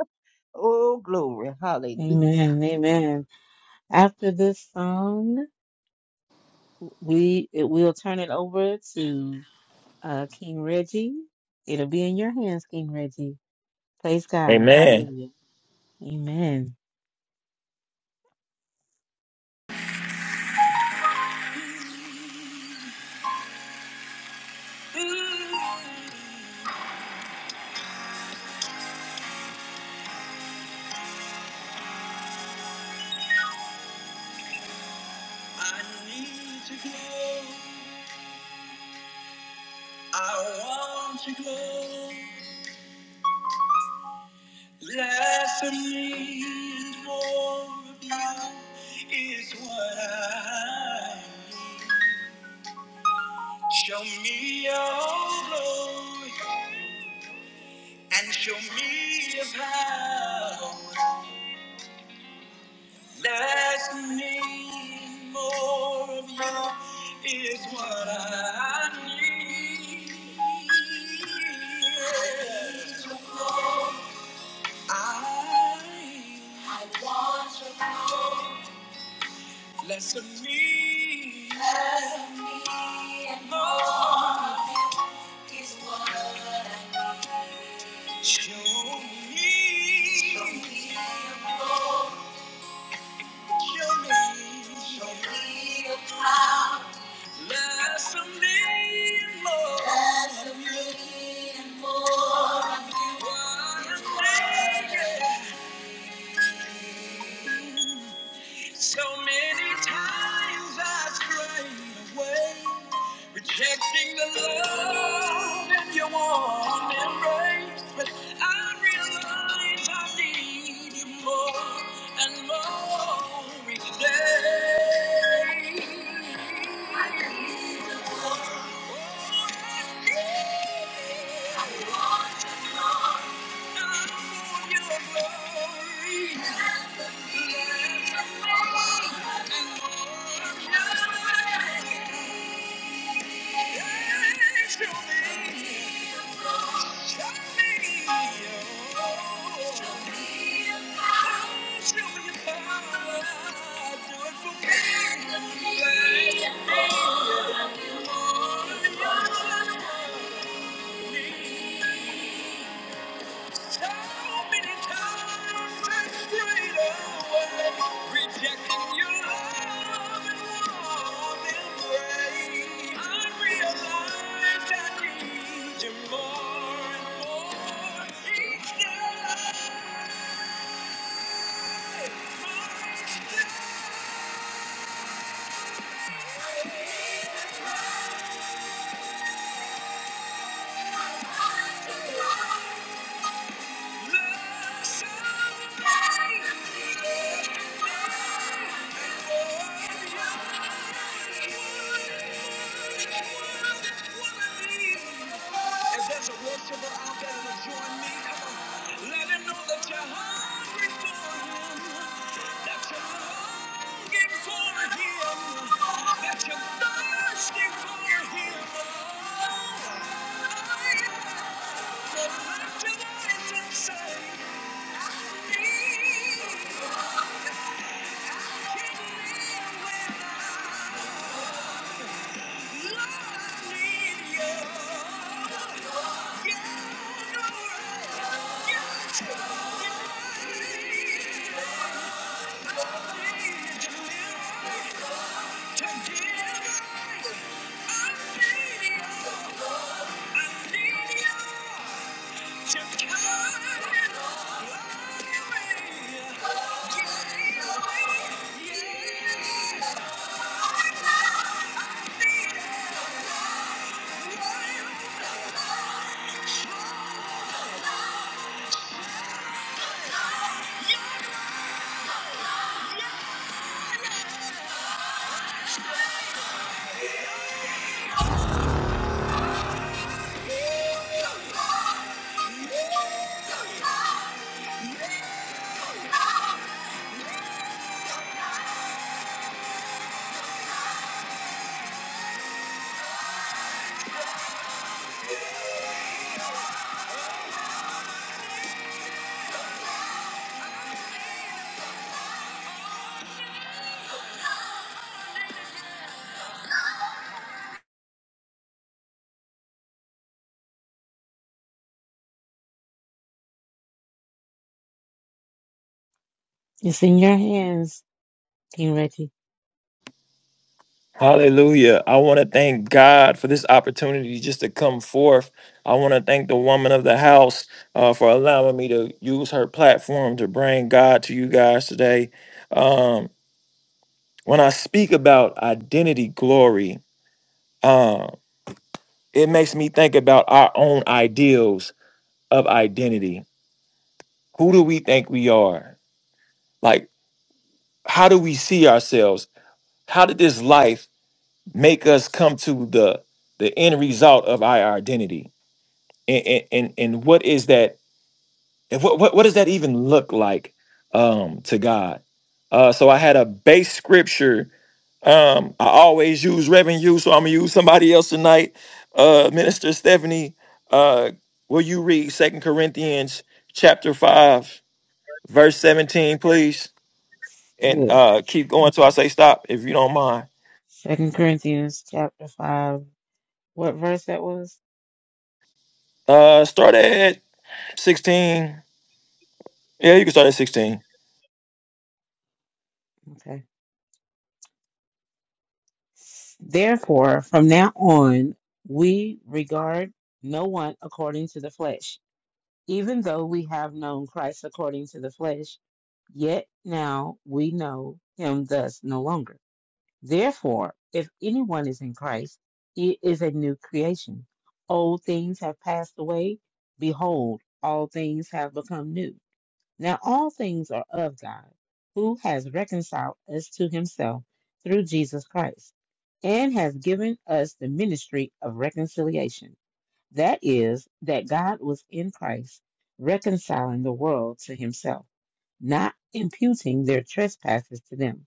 S4: Oh, glory. Hallelujah.
S2: Amen. Amen. After this song, We it, we'll turn it over to uh, King Reggie. It'll be in your hands, King Reggie. Praise God.
S5: Amen.
S2: Hallelujah. Amen.
S1: I need to glow. I want to glow. Less of me and more of you is what I show me your glory and show me your power. That's me. More of you is what I need. I less of me. Lord, so many times I strayed away, rejecting the love in your outreach day. Thank you. If there's a worshiper out there to join me, come on. Let him know that you're hungry, that you're thirsty for your hero. Oh, yeah. The evangelist inside. Come on.
S2: It's in your hands, King Reggie.
S5: Hallelujah. I want to thank God for this opportunity just to come forth. I want to thank the woman of the house uh, for allowing me to use her platform to bring God to you guys today. Um, when I speak about identity glory, uh, it makes me think about our own ideals of identity. Who do we think we are? Like, how do we see ourselves? How did this life make us come to the the end result of our identity? and and and what is that and what, what what does that even look like um to god uh so i had a base scripture um i always use reverend you so i'm gonna use somebody else tonight uh minister stephanie uh will you read second corinthians chapter 5 verse 17 please and
S2: Yeah.
S5: uh keep going till i say stop if you don't mind
S2: Second Corinthians chapter five. What verse that was?
S5: uh start at 16 yeah you can start at 16
S2: Okay. Therefore, from now on, we regard no one according to the flesh. Even though we have known Christ according to the flesh, yet now we know him thus no longer. Therefore, if anyone is in Christ, he is a new creation. Old things have passed away. Behold, all things have become new. Now, all things are of God, who has reconciled us to himself through Jesus Christ, and has given us the ministry of reconciliation. That is, that God was in Christ reconciling the world to himself, not imputing their trespasses to them,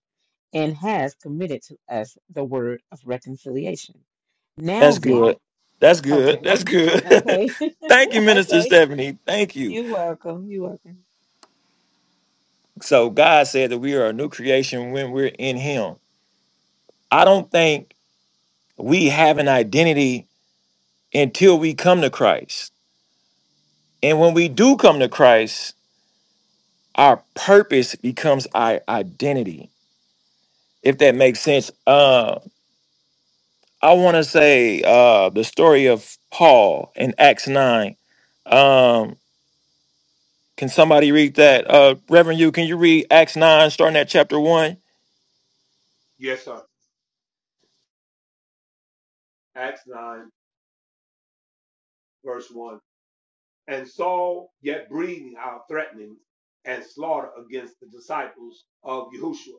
S2: and has committed to us the word of reconciliation. Now
S5: That's
S2: then,
S5: good. That's good.
S2: okay,
S5: That's good.
S2: okay,
S5: Thank you, Minister
S2: okay.
S5: Stephanie. Thank you.
S2: You're welcome. You're welcome.
S5: So God said that we are a new creation when we're in Him. I don't think we have an identity until we come to Christ. And when we do come to Christ, our purpose becomes our identity. If that makes sense. Uh, I want to say uh, the story of Paul in Acts 9. Um, Can somebody read that? Uh, Reverend, you can you read Acts nine, starting at chapter one?
S3: Yes, sir. Acts 9, verse 1. And Saul, yet breathing out threatenings and slaughter against the disciples of Yahushua,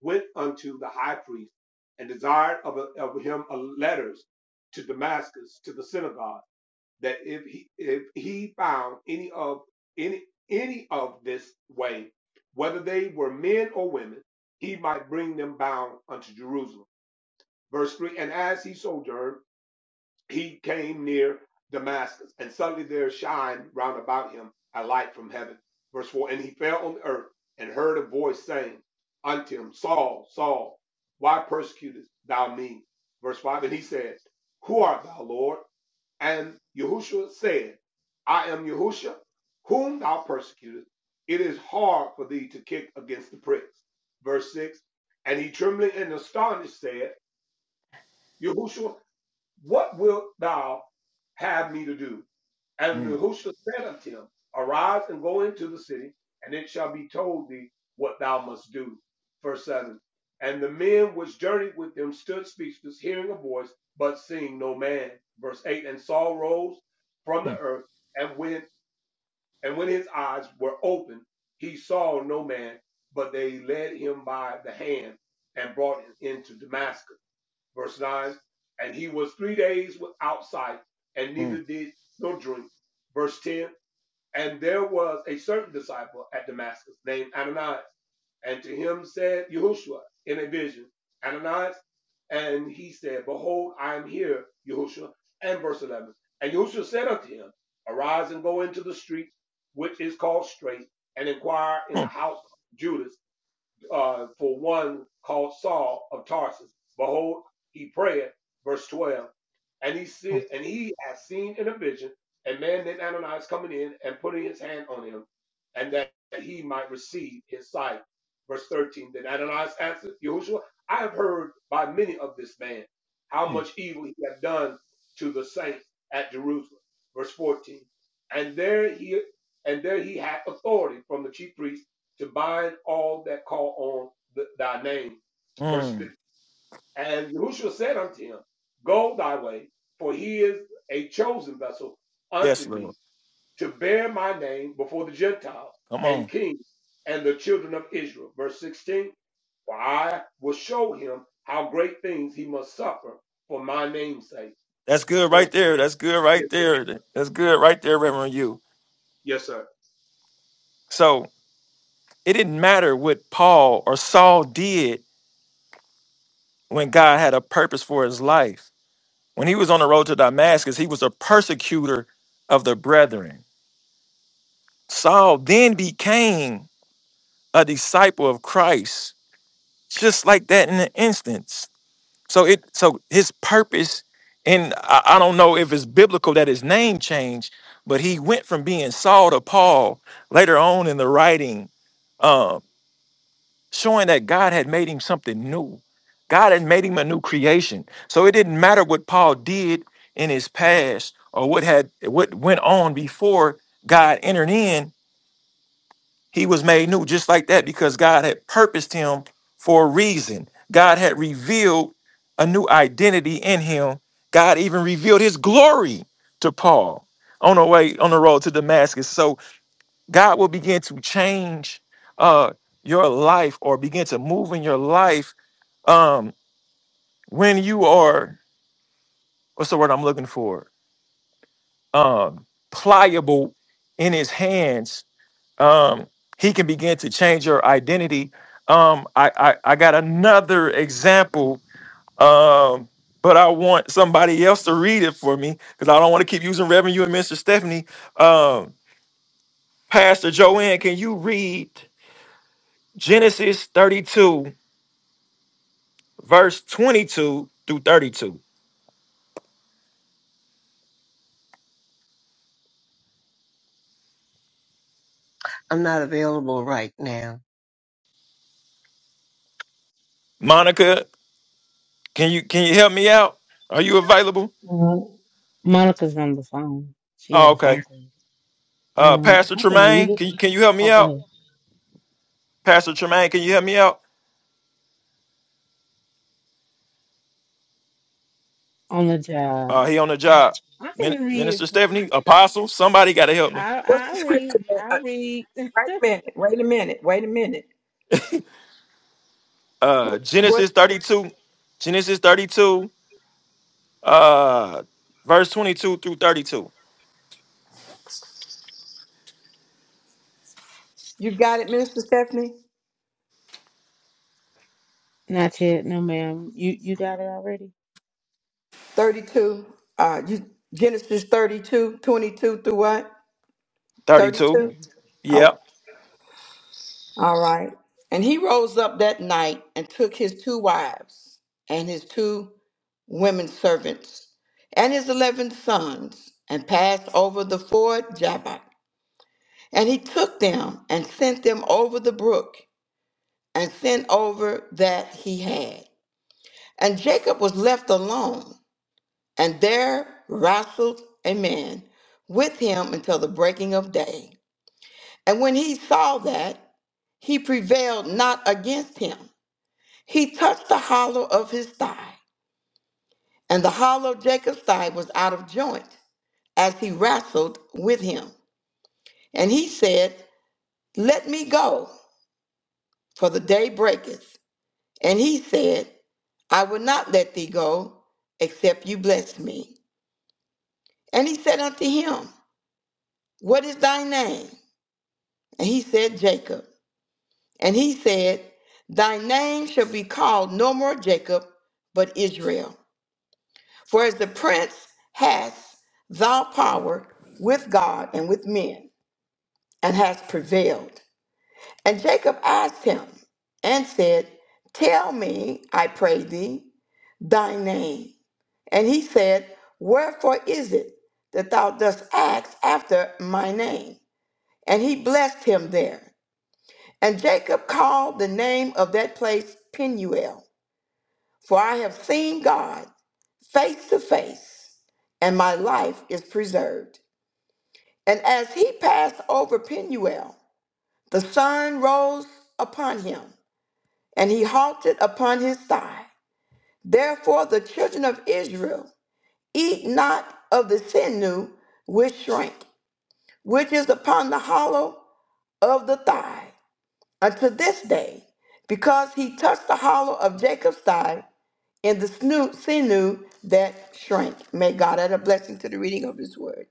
S3: went unto the high priest and desired of, a, of him a letters to Damascus to the synagogue that if he if he found any of any any of this way, whether they were men or women, he might bring them bound unto Jerusalem. Verse three. And as he sojourned he came near Damascus, and suddenly there shined round about him a light from heaven. Verse 4 And he fell on the earth and heard a voice saying unto him, Saul, Saul, why persecutest thou me? Verse 5 And he said, Who art thou, Lord? And Yahushua said, I am Yahushua, whom thou persecutest. It is hard for thee to kick against the pricks. Verse 6 And he trembling and astonished said, Yahushua, what wilt thou have me to do? And
S5: Mm,
S3: Nehushta said unto him, Arise and go into the city, and it shall be told thee what thou must do. Verse 7. And the men which journeyed with them stood speechless, hearing a voice, but seeing no man. Verse 8. And Saul rose from the
S5: mm,
S3: earth, and when and when his eyes were opened, he saw no man, but they led him by the hand and brought him into Damascus verse 9. And he was three days without sight, and
S5: mm,
S3: neither did nor drink. Verse 10. And there was a certain disciple at Damascus named Ananias. And to him said Yahushua in a vision, Ananias. And he said, Behold, I am here, Yahushua. And verse 11. And Yahushua said unto him, Arise and go into the street, which is called Straight, and inquire in the
S5: mm,
S3: house of Judas uh, for one called Saul of Tarsus. Behold, he prayed, verse 12, and he said,
S5: mm,
S3: and he had seen in a vision a man named Ananias coming in and putting his hand on him, and that he might receive his sight. Verse 13. Then Ananias answered, Yahushua, I have heard by many of this man how
S5: mm,
S3: much evil he hath done to the saints at Jerusalem. Verse 14. And there he and there he had authority from the chief priest to bind all that call on th- thy name. Verse
S5: mm.
S3: 50. And Yahushua said unto him, Go thy way, for he is a chosen vessel
S5: Yes,
S3: unto me
S5: Lord.
S3: to bear my name before the Gentiles
S5: Come
S3: and
S5: on.
S3: kings and the children of Israel. Verse 16. For I will show him how great things he must suffer for my name's sake.
S5: That's good
S3: Verse
S5: right there. That's good right
S3: Yes, sir.
S5: there. That's good right there, Reverend. You.
S3: Yes, sir.
S5: So it didn't matter what Paul or Saul did when God had a purpose for his life. When he was on the road to Damascus, he was a persecutor of the brethren. Saul then became a disciple of Christ, just like that in an instance. So it so his purpose, and I, I don't know if it's biblical that his name changed, but he went from being Saul to Paul later on in the writing, um, showing that God had made him something new. God had made him a new creation. So it didn't matter what Paul did in his past or what had what went on before God entered in. He was made new just like that because God had purposed him for a reason. God had revealed a new identity in him. God even revealed his glory to Paul on the way on the road to Damascus. So God will begin to change uh, your life or begin to move in your life um, when you are what's the word I'm looking for? Um, pliable in his hands um, he can begin to change your identity. Um, I, I, I got another example, um, but I want somebody else to read it for me because I don't want to keep using Reverend you and Mr. Stephanie. Um, Pastor Joanne, can you read Genesis 32, verse 22 through 32?
S4: I'm not available right now.
S5: Monica, can you can you help me out? Are you available?
S2: Well, Monica's on the phone. She
S5: Oh,
S2: has a
S5: okay.
S2: phone call.
S5: Uh,
S2: Um,
S5: Pastor
S2: I can
S5: Tremaine,
S2: read it.
S5: can you, can you help me
S2: Oh, go
S5: out?
S2: ahead.
S5: Pastor Tremaine, can you help me out?
S2: On the
S5: Uh,
S2: job.
S5: he on the job.
S2: I
S5: Min-
S2: can read
S5: Minister
S2: it.
S5: Stephanie, Apostle, somebody got to help me.
S2: I
S1: What's
S2: I
S1: the
S2: read.
S1: scripture? man?
S2: I
S1: Uh,
S2: read.
S1: wait a minute. Wait a minute. Wait a minute.
S5: Uh,
S1: What? what-
S5: Genesis 32, Genesis 32, uh, verse 22 through 32.
S1: You got it, Minister Stephanie.
S2: Not yet, no ma'am. You you got it already?
S1: Thirty-two. Uh, you, Genesis thirty-two, twenty-two through what?
S5: 32. Yeah.
S1: Thirty-two. All right. And he rose up that night and took his two wives and his two women servants and his eleven sons and passed over the ford Jabbok. And he took them and sent them over the brook and sent over that he had. And Jacob was left alone, and there wrestled a man with him until the breaking of day. And when he saw that, he prevailed not against him. He touched the hollow of his thigh, and the hollow of Jacob's thigh was out of joint as he wrestled with him. And he said, Let me go, for the day breaketh. And he said, I will not let thee go, except you bless me. And he said unto him, What is thy name? And he said, Jacob. And he said, Thy name shall be called no more Jacob, but Israel For as the prince hath thou power with God and with men, and hath prevailed. And Jacob asked him and said, Tell me, I pray thee, thy name. And he said, Wherefore is it that thou dost ask after my name? And he blessed him there. And Jacob called the name of that place Peniel, for I have seen God face to face, and my life is preserved. And as he passed over Peniel, the sun rose upon him, and he halted upon his thigh. Therefore, the children of Israel eat not of the sinew which shrank, which is upon the hollow of the thigh, unto this day, because he touched the hollow of Jacob's thigh and the snu- sinew that shrank. May God add a blessing to the reading of his word.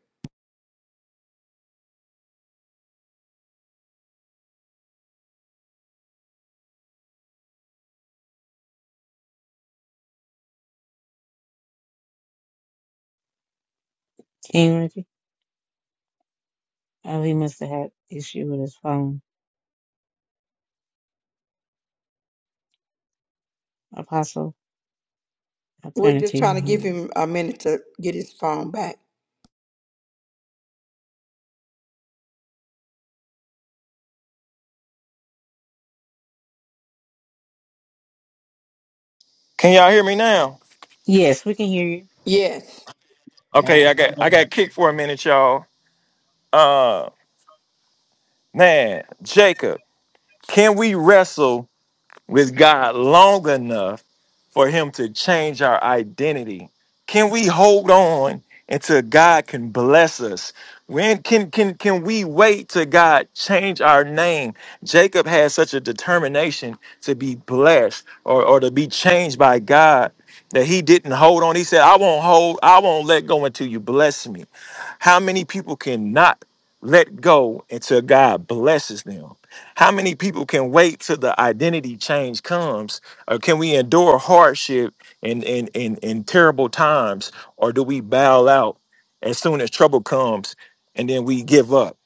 S2: King Reggie? Oh, he must have had issue with his phone. Apostle, I'll
S1: We're
S2: turn it
S1: just
S2: to your
S1: trying to give
S2: hands.
S1: him a minute to get his phone back.
S5: Can y'all hear me now?
S2: Yes, we can hear you.
S1: Yes.
S4: Amen.
S5: Okay, I got I got kicked for a minute, y'all. Uh, man, Jacob, can we wrestle with God long enough for him to change our identity. Can we hold on until God can bless us? When can can can we wait till God change our name? Jacob had such a determination to be blessed or, or to be changed by God that he didn't hold on. He said, I won't hold, I won't let go until you bless me. How many people cannot let go until God blesses them? How many people can wait till the identity change comes? Or can we endure hardship in in in and terrible times? Or do we bow out as soon as trouble comes and then we give up?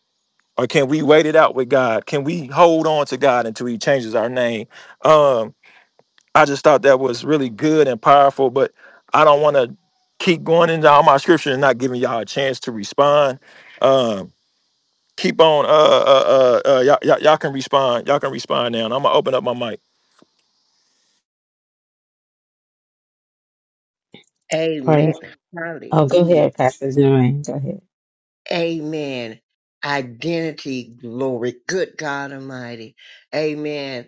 S5: Or can we wait it out with God? Can we hold on to God until He changes our name? Um, I just thought that was really good and powerful, but I don't want to keep going into all my scripture and not giving y'all a chance to respond. Um, keep on uh uh uh, uh y'all, y'all y'all can respond y'all can respond now and i'm gonna open up my mic
S2: Praise.
S4: Amen.
S2: Oh, go
S4: Hallelujah.
S2: ahead, Pastor Joanne. Go ahead.
S4: Amen. Identity, glory. Good God Almighty. Amen.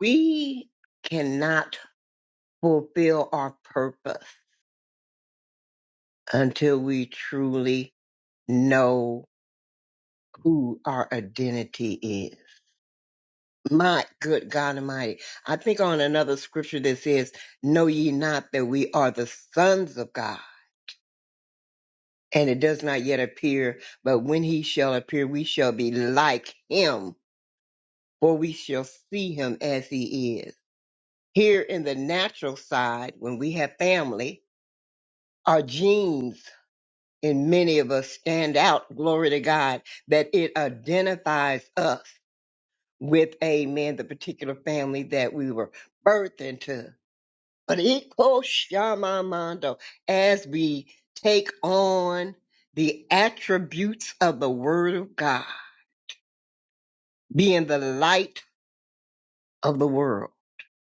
S4: We cannot fulfill our purpose until we truly know who our identity is. My good God Almighty. I think on another scripture that says, Know ye not that we are the sons of God, and it does not yet appear, but when he shall appear, we shall be like him, for we shall see him as he is. Here in the natural side, when we have family, our genes and many of us stand out, glory to God, that it identifies us with, amen, the particular family that we were birthed into. But equal shamamando, as we take on the attributes of the word of God, being the light of the world.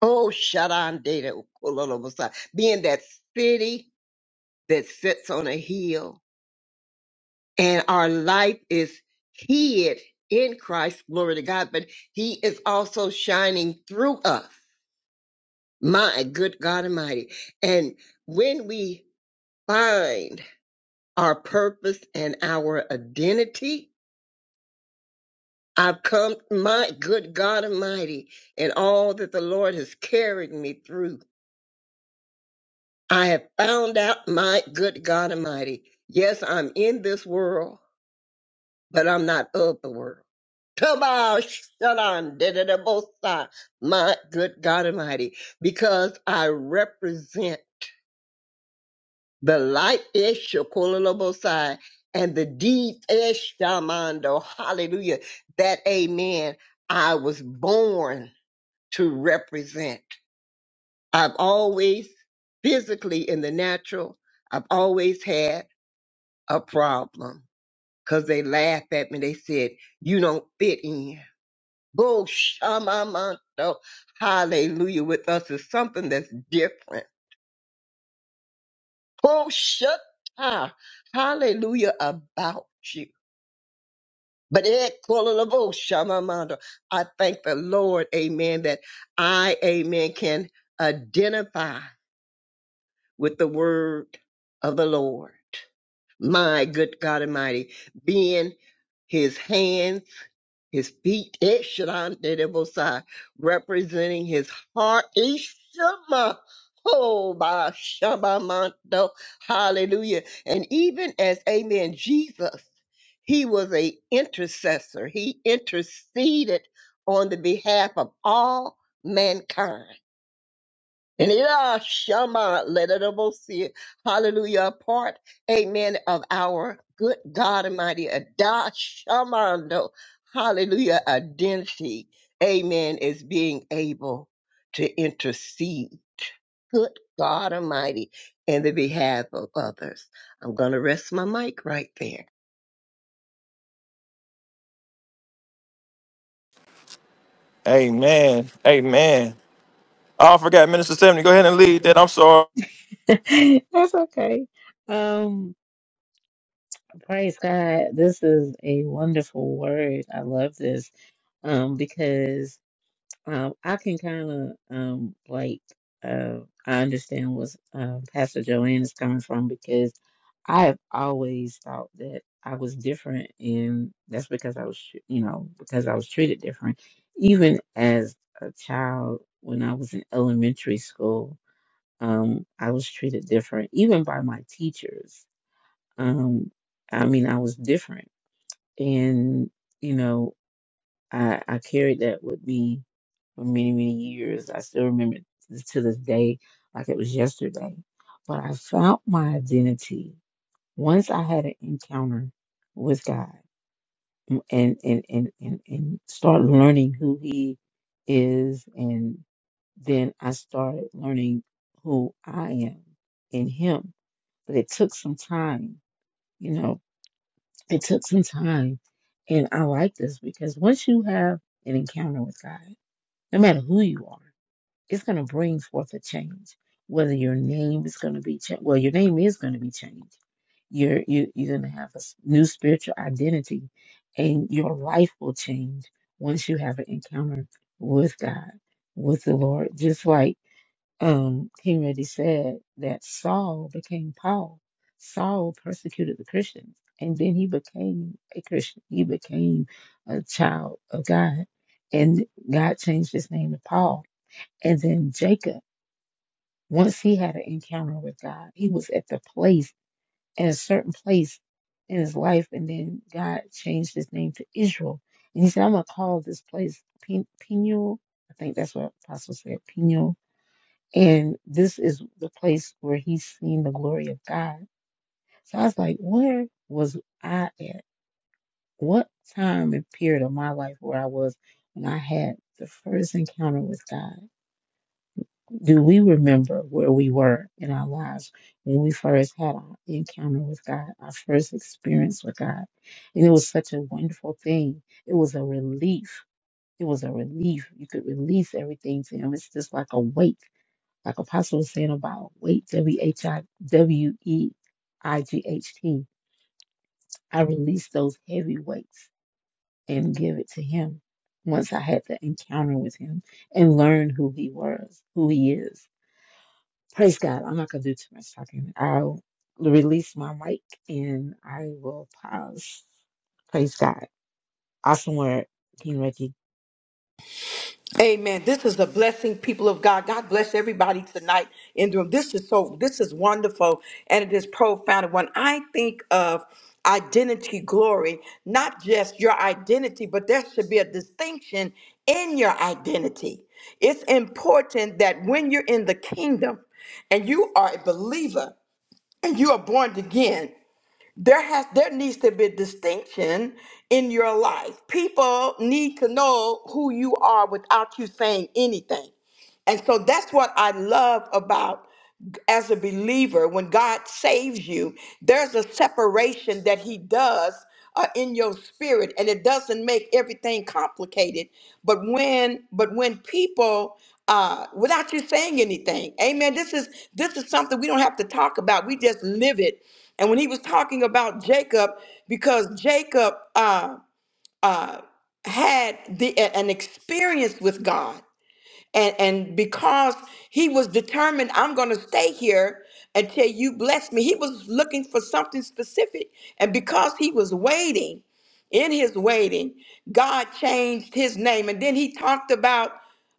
S4: Oh, Shaddai, Data, Okololobosai, being that city that sits on a hill and our life is hid in Christ, glory to God, but He is also shining through us. My good God Almighty. And when we find our purpose and our identity, I've come, my good God Almighty, and all that the Lord has carried me through. I have found out, my good God Almighty. Yes, I'm in this world, but I'm not of the world. Kabah, Shalom, da-da-da-bo-sa. My good God Almighty, because I represent the light ish Shakololobosai and the deep ish Shamando. Hallelujah. That amen. I was born to represent. I've always physically in the natural, I've always had a problem because they laughed at me. They said, you don't fit in. Go shamamanto. Hallelujah with us is something that's different. Go shata. Hallelujah about you. But it callable shamamanto. I thank the Lord, amen, that I, amen, can identify with the word of the Lord. My good God Almighty, being his hands His feet, Eshran Dedebosai, representing his heart, Ishama. Oh, by Shabamanto. Hallelujah. And even as, amen, Jesus, he was a intercessor. He interceded on the behalf of all mankind. And it uh, shama let it all see it. Hallelujah. A part, amen, of our good God Almighty. Adah shamando. Hallelujah. Identity. Amen. Is being able to intercede. Good God Almighty. In the behalf of others. I'm gonna rest my mic right there.
S5: amen amen Oh, I forgot Minister Stephanie. Go ahead and lead that. I'm sorry.
S2: That's okay. Um, praise God. This is a wonderful word. I love this. Um, because Um, I can kind of um like uh I understand where uh, Pastor Joanne is coming from because I have always thought that I was different, and that's because I was, tr- you know, because I was treated different. Even as a child, when I was in elementary school, um, I was treated different, even by my teachers. Um, I mean, I was different, and you know. I, I carried that with me for many, many years. I still remember it t- to this day, like it was yesterday. But I found my identity once I had an encounter with God m- and and and and, and start learning who He is, and then I started learning who I am in Him. But it took some time, you know. It took some time, and I like this because once you have an encounter with God no matter who you are, it's going to bring forth a change. Whether your name is going to be changed, well, your name is going to be changed. You're you, you're going to have a new spiritual identity, and your life will change once you have an encounter with God, with the Lord. Just like um, King Reddy said, that Saul became Paul. Saul persecuted the Christians, and then he became a Christian. He became a child of God, and God changed his name to Paul and then Jacob, once he had an encounter with God, he was at the place, at a certain place in his life. And then God changed his name to Israel. And he said, I'm going to call this place Pen- Peniel. I think that's what Apostle said, Peniel. And this is the place where he's seen the glory of God. So I was like, where was I at? What time and period of my life where I was when I had the first encounter with God? do we remember where we were in our lives when we first had our encounter with God, our first experience with God? And it was such a wonderful thing. It was a relief. It was a relief. You could release everything to Him. It's just like a weight, like Apostle was saying about weight, W H I W E I G H T. I released those heavy weights and give it to Him once I had the encounter with Him and learned who He was, who He is Praise God. I'm not going to do too much talking. I'll release my mic and I will pause. Praise God. Awesome word, King Reggie.
S1: Amen. This is a blessing, people of God. God bless everybody tonight in the room. This is so, this is wonderful and it is profound. When I think of identity glory, not just your identity, but there should be a distinction in your identity. It's important that when you're in the kingdom and you are a believer and you are born again, there has there needs to be distinction in your life people need to know who you are without you saying anything and so that's what I love about as a believer, when God saves you, there's a separation that He does uh, in your spirit, and it doesn't make everything complicated. But when, but when people, uh, without you saying anything, Amen. This is this is something we don't have to talk about. We just live it. And when He was talking about Jacob, because Jacob uh, uh, had the an experience with God and and because he was determined i'm going to stay here until you bless me he was looking for something specific and because he was waiting in his waiting god changed his name and then he talked about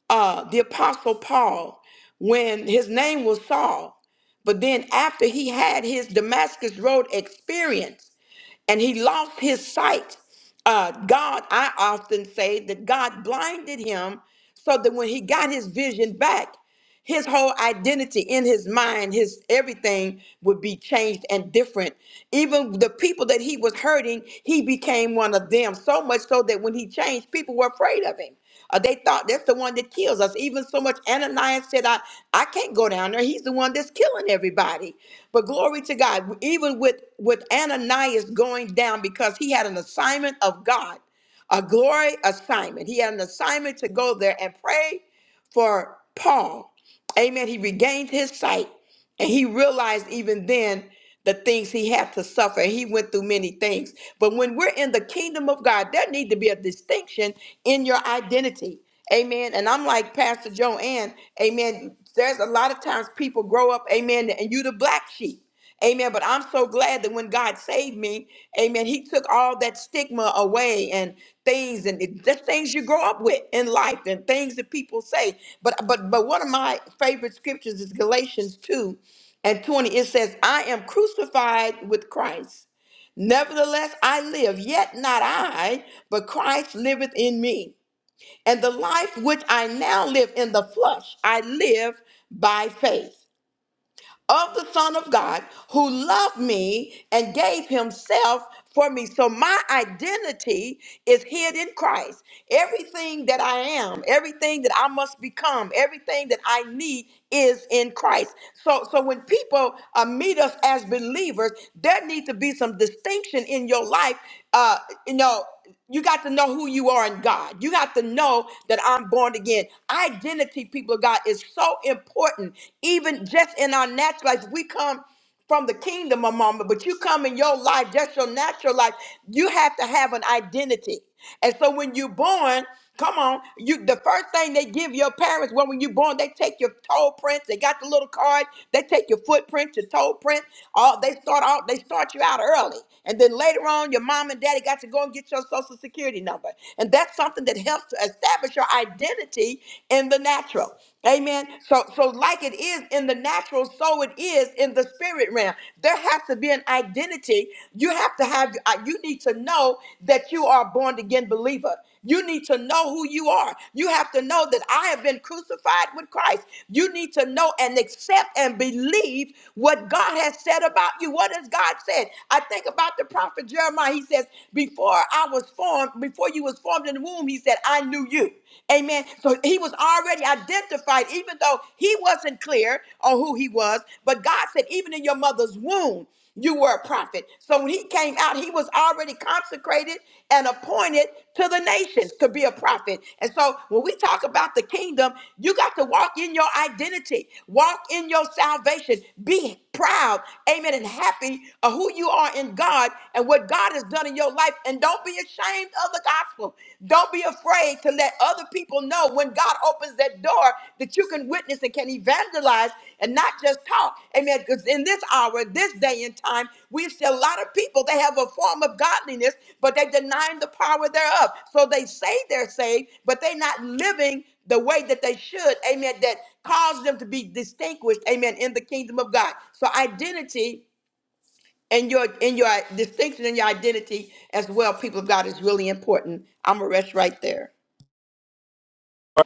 S1: uh the apostle paul when his name was saul but then after he had his damascus road experience and he lost his sight. Uh, God, I often say that God blinded him so that when he got his vision back, his whole identity in his mind, his everything would be changed and different. Even the people that he was hurting, he became one of them so much so that when he changed, people were afraid of him. Uh, they thought that's the one that kills us. Even so much Ananias said, I, I can't go down there. He's the one that's killing everybody. But glory to God, even with, with Ananias going down because he had an assignment of God, a glory assignment. He had an assignment to go there and pray for Paul. Amen. He regained his sight. And he realized even then the things he had to suffer. He went through many things. But when we're in the kingdom of God, there need to be a distinction in your identity. Amen. And I'm like Pastor Joanne, amen. There's a lot of times people grow up, amen, and you the black sheep. Amen. But I'm so glad that when God saved me, amen, he took all that stigma away and things and it- just things you grow up with in life and things that people say. But but but one of my favorite scriptures is Galatians 2 and 20. It says, I am crucified with Christ. Nevertheless, I live, yet not I, but Christ liveth in me. And the life which I now live in the flesh, I live by faith of the Son of God who loved me and gave himself for me. So my identity is hid in Christ. Everything that I am, everything that I must become, everything that I need is in Christ. So so when people uh, meet us as believers, there needs to be some distinction in your life. Uh, you know you got to know who you are in God. You got to know that I'm born again. Identity, people of God, is so important. Even just in our natural life, we come from the kingdom a moment, but you come in your life, just your natural life, you have to have an identity. And so when you're born, Come on. You the first thing they give your parents when, when you are born, they take your toe prints. They got the little card. They take your footprint, your toe print. All they start out, they start you out early. And then later on, your mom and daddy got to go and get your social security number. And that's something that helps to establish your identity in the natural. Amen. So, so like it is in the natural, so it is in the spirit realm. There has to be an identity. You have to have. uh, You need to know that you are a born again believer. You need to know who you are. You have to know that I have been crucified with Christ. You need to know and accept and believe what God has said about you. What has God said? I think about the prophet Jeremiah. He says, "Before I was formed, before you was formed in the womb," he said that I knew you. Amen. So he was already identified, even though he wasn't clear on who he was. But God said, even in your mother's womb, you were a prophet. So when he came out, he was already consecrated and appointed to the nations to be a prophet. And so when we talk about the kingdom, you got to walk in your identity, walk in your salvation, be proud, amen, and happy of who you are in God and what God has done in your on in your life. And don't be ashamed of the gospel. Don't be afraid to let other people know when God opens that door that you can witness and can evangelize and not just talk. Amen. Because in this hour, this day and time, we see a lot of people, they have a form of godliness, but they're denying the power thereof. So they say they're saved, but they're not living the way that they should. Amen. That caused them to be distinguished. Amen. In the kingdom of God. So identity and your and your distinction and your identity as well, people of God, is really important. I'm gonna rest right there.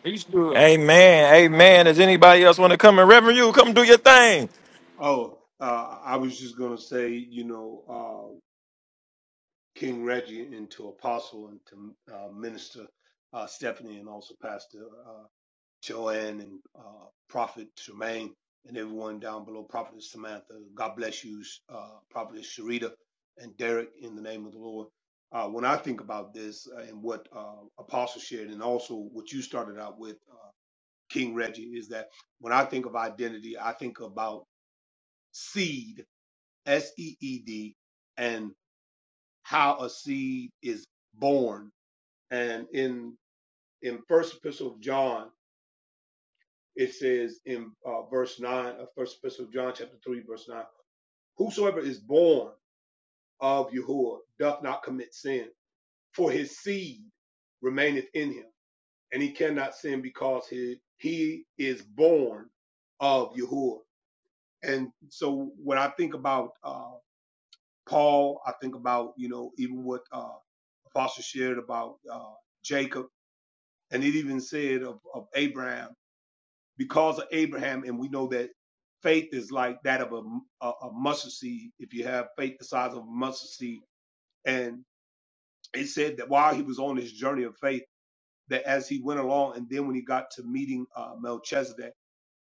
S5: He's good. Amen. Amen. Does anybody else want to come and Reverend you? Come do your thing.
S3: Oh, uh, I was just gonna say, you know, uh, King Reggie and to Apostle and to uh, Minister uh, Stephanie and also Pastor uh, Joanne and uh, Prophet Tremaine and everyone down below, Prophet Samantha. God bless you, uh, Prophet Sharita and Derek in the name of the Lord. Uh, when I think about this uh, and what uh, Apostle shared and also what you started out with, uh, King Reggie, is that when I think of identity, I think about seed, S E E D, and how a seed is born and in in First Epistle of John, it says in uh, verse nine of First Epistle of John, chapter three, verse nine: Whosoever is born of Yahuwah doth not commit sin, for his seed remaineth in him, and he cannot sin because he he is born of Yahuwah. And so when I think about uh, Paul, I think about you know even what uh, Apostle shared about uh, Jacob, and it even said of, of Abraham because of Abraham, and we know that faith is like that of a, a, a mustard seed. If you have faith the size of a mustard seed, and it said that while he was on his journey of faith, that as he went along, and then when he got to meeting uh, Melchizedek,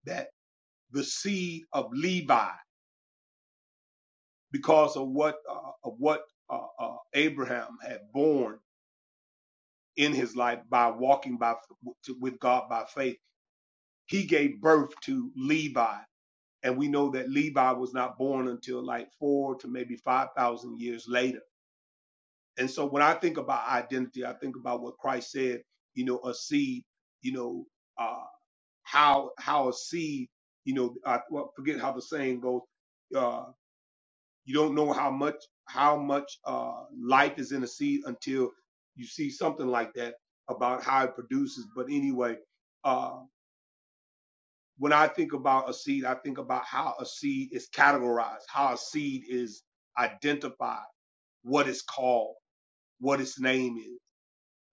S3: that the seed of Levi, because of what uh, of what uh, uh, Abraham had borne in his life by walking by to, with God by faith, he gave birth to Levi and we know that Levi was not born until like four to maybe five thousand years later. And so when I think about identity, I think about what Christ said, you know, a seed, you know, uh, how how a seed, you know, I well, forget how the saying goes. Uh, you don't know how much how much uh, life is in a seed until you see something like that about how it produces. But anyway, uh, when I think about a seed, I think about how a seed is categorized, how a seed is identified, what it's called, what its name is.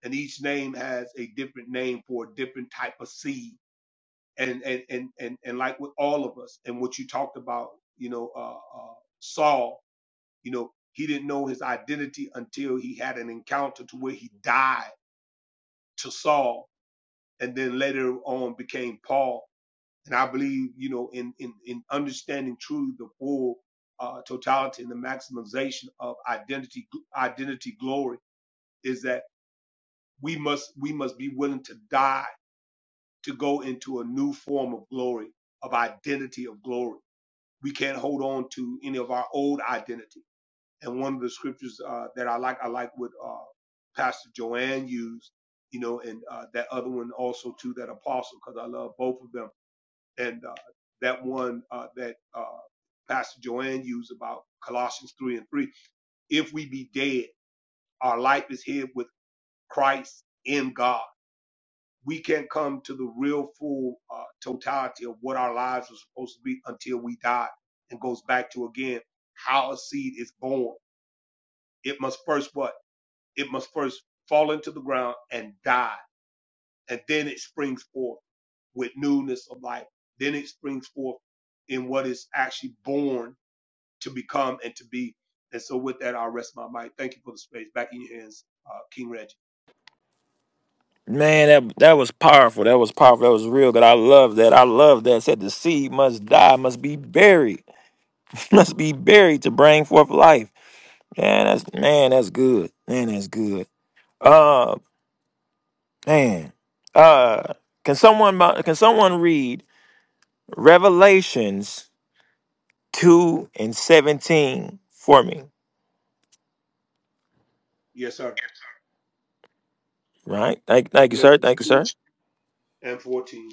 S3: And each name has a different name for a different type of seed. And and and and, and like with all of us, and what you talked about, you know, uh, uh, Saul, you know, he didn't know his identity until he had an encounter to where he died to Saul, and then later on became Paul And I believe, you know, in, in, in understanding truly the full uh, totality and the maximization of identity, identity glory is that we must, we must be willing to die to go into a new form of glory, of identity of glory. We can't hold on to any of our old identity. And one of the scriptures uh, that I like, I like what uh, Pastor Joanne used, you know, and uh, that other one also too, that apostle, because I love both of them and uh, that one uh, that uh, Pastor Joanne used about Colossians 3 and 3. If we be dead, our life is hid with Christ in God. We can't come to the real full uh, totality of what our lives are supposed to be until we die. And goes back to again how a seed is born. It must first what? It must first fall into the ground and die, and then it springs forth with newness of life. Then it springs forth in what is actually born to become and to be. And so with that, I'll rest my mic. Thank you for the space. Back in your hands, uh, King Reggie.
S5: Man, that that was powerful. That was powerful. That was real good. I love that. I love that. It Said the seed must die, must be buried, must be buried to bring forth life. Man, that's man, that's good. Man, that's good. Um. Man, uh, can someone can someone read Revelations two and seventeen for me?
S3: Yes, sir.
S5: Right. Thank, thank you, sir.
S3: Revelations
S5: Thank you,
S3: 2
S5: sir.
S3: and 14,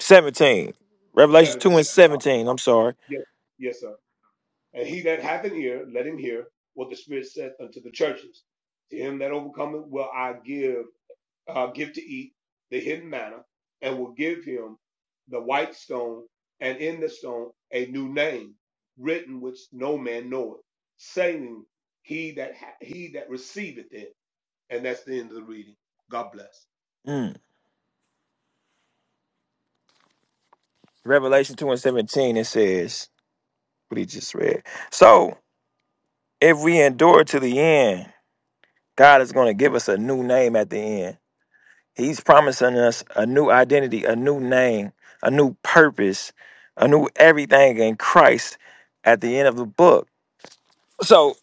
S5: Seventeen. Revelations
S3: 17.
S5: two and
S3: Uh,
S5: seventeen. I'm sorry.
S3: Yes, yes, sir. And he that hath an ear, let him hear what the Spirit saith unto the churches. To him that overcometh will I give uh, give to eat the hidden manna, and will give him the white stone, and in the stone a new name written which no man knoweth, saying, "He that ha- he that receiveth it." And that's the end of the reading. God bless.
S5: Mm. Revelation two and seventeen. It says what he just read. So if we endure to the end, God is going to give us a new name at the end. He's promising us a new identity, a new name, a new purpose, a new everything in Christ at the end of the book. So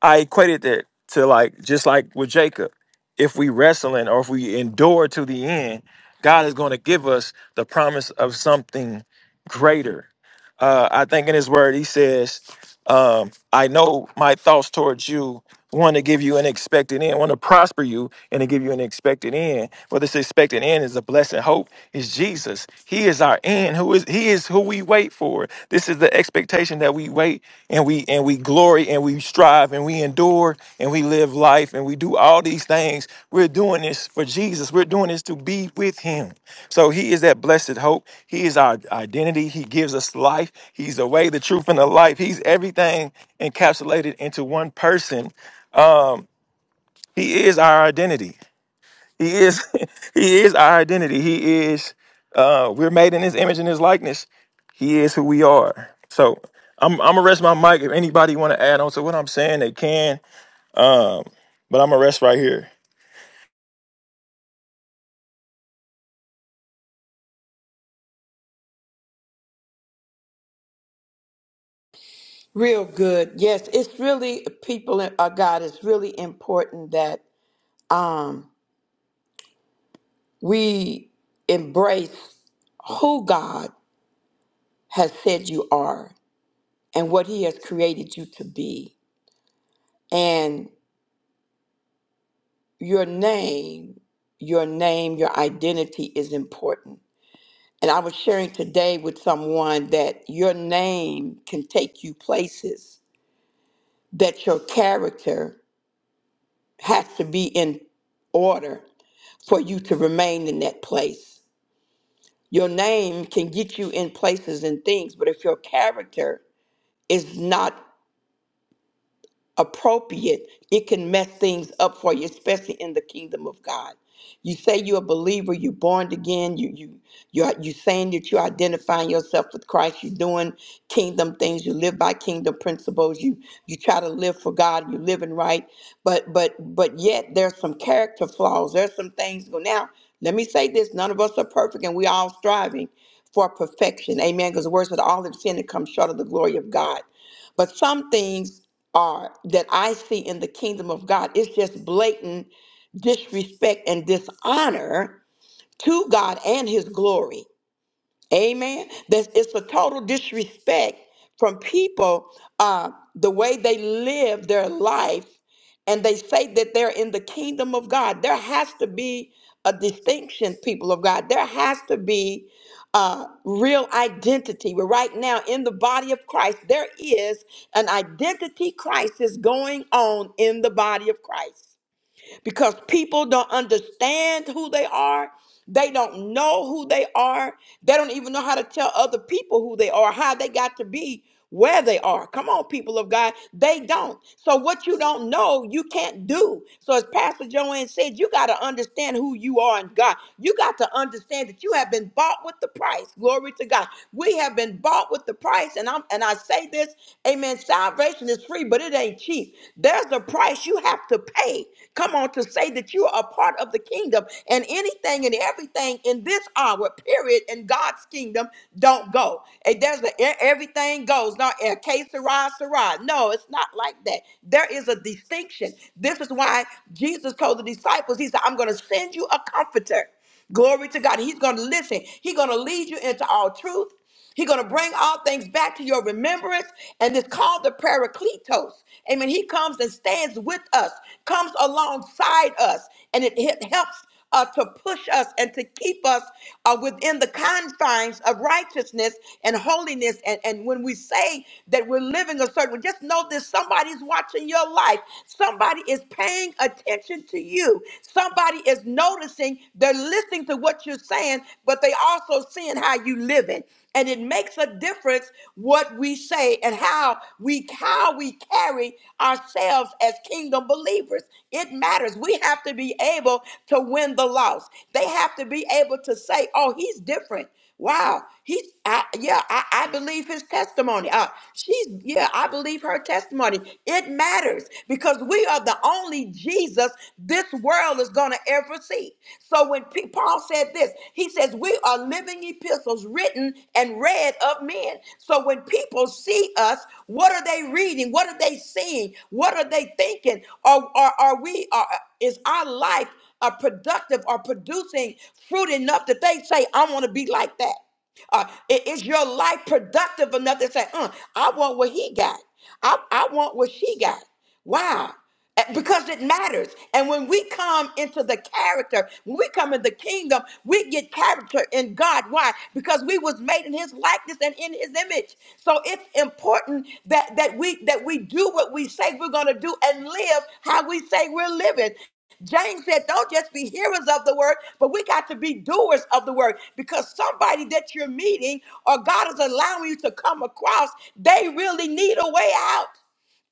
S5: I equated that to like just like with Jacob, if we wrestling or if we endure to the end, God is going to give us the promise of something greater. Uh, I think in His Word He says, um, "I know my thoughts towards you, want to give you an expected end, want to prosper you." and to give you an expected end. For this expected end is a blessed hope. Is Jesus? He is our end. Who is He is who we wait for. This is the expectation that we wait and we and we glory and we strive and we endure and we live life and we do all these things. We're doing this for Jesus. We're doing this to be with Him. So He is that blessed hope. He is our identity. He gives us life. He's the way, the truth, and the life. He's everything encapsulated into one person. Um, he is our identity. He is he is our identity. He is uh we're made in his image and his likeness. He is who we are. So I'm I'm gonna rest my mic. If anybody wanna add on to what I'm saying, they can. Um, but I'm gonna rest right here.
S1: Real good. Yes, it's really people of God. It's really important that um, we embrace who God has said you are and what He has created you to be, and your name, your name, your identity is important And I was sharing today with someone that your name can take you places, that your character has to be in order for you to remain in that place. Your name can get you in places and things, but if your character is not appropriate, it can mess things up for you, especially in the kingdom of God. You say you're a believer, you're born again, you you you're you saying that you're identifying yourself with Christ, you're doing kingdom things, you live by kingdom principles, you you try to live for God, you're living right, but but but yet there's some character flaws, there's some things go now. Let me say this, none of us are perfect and we all striving for perfection. Amen. Because the word said all have sinned and come short of the glory of God. But some things are that I see in the kingdom of God. It's just blatant disrespect and dishonor to God and his glory. Amen. That's it's a total disrespect from people, uh, the way they live their life, and they say that they're in the kingdom of God. There has to be a distinction, people of God. There has to be uh, real identity. We're right now in the body of Christ. There is an identity crisis going on in the body of Christ because people don't understand who they are. They don't know who they are. They don't even know how to tell other people who they are, how they got to be where they are. Come on, people of God. They don't. So, what you don't know, you can't do. So, as Pastor Joanne said, you got to understand who you are in God. You got to understand that you have been bought with the price. Glory to God. We have been bought with the price. And I'm and I say this, amen. Salvation is free, but it ain't cheap ain't cheap. There's a price you have to pay. Come on, to say that you are a part of the kingdom and anything and everything in this hour, period, in God's kingdom, don't go. And there's a, e- everything goes. Not a case Sarah, Sarah. No, it's not like that. There is a distinction. This is why Jesus told the disciples, He said, I'm going to send you a comforter. Glory to God. He's going to listen. He's going to lead you into all truth. He's going to bring all things back to your remembrance, and it's called the Paracletos. Amen. He comes and stands with us, comes alongside us, and it, it helps uh, to push us and to keep us uh, within the confines of righteousness and holiness. And, and when we say that we're living a certain way, just know this somebody's watching your life. Somebody is paying attention to you. Somebody is noticing, they're listening to what you're saying, but they also seeing how you living and it makes a difference what we say and how we how we carry ourselves as kingdom believers it matters we have to be able to win the loss they have to be able to say oh he's different wow he's I, yeah I, I believe his testimony uh, she's yeah i believe her testimony it matters because we are the only jesus this world is going to ever see so when people Paul said this. He says, We are living epistles written and read of men. So when people see us, what are they reading? What are they seeing? What are they thinking? Or are, are, we are is our life a productive or producing fruit enough that they say, I want to be like that? Uh, i- is your life productive enough to say, "Uh, I want what he got? I, I want what she got. Wow. Eh, because it matters. And when we come into the character, when we come in the kingdom, we get character in God. Why? Because we was made in his likeness and in his image. So it's important that that we that we do what we say we're gonna do and live how we say we're living. James said, Don't just be hearers of the word, but we got to be doers of the word because somebody that you're meeting or God is allowing you to come across, they really need a way out.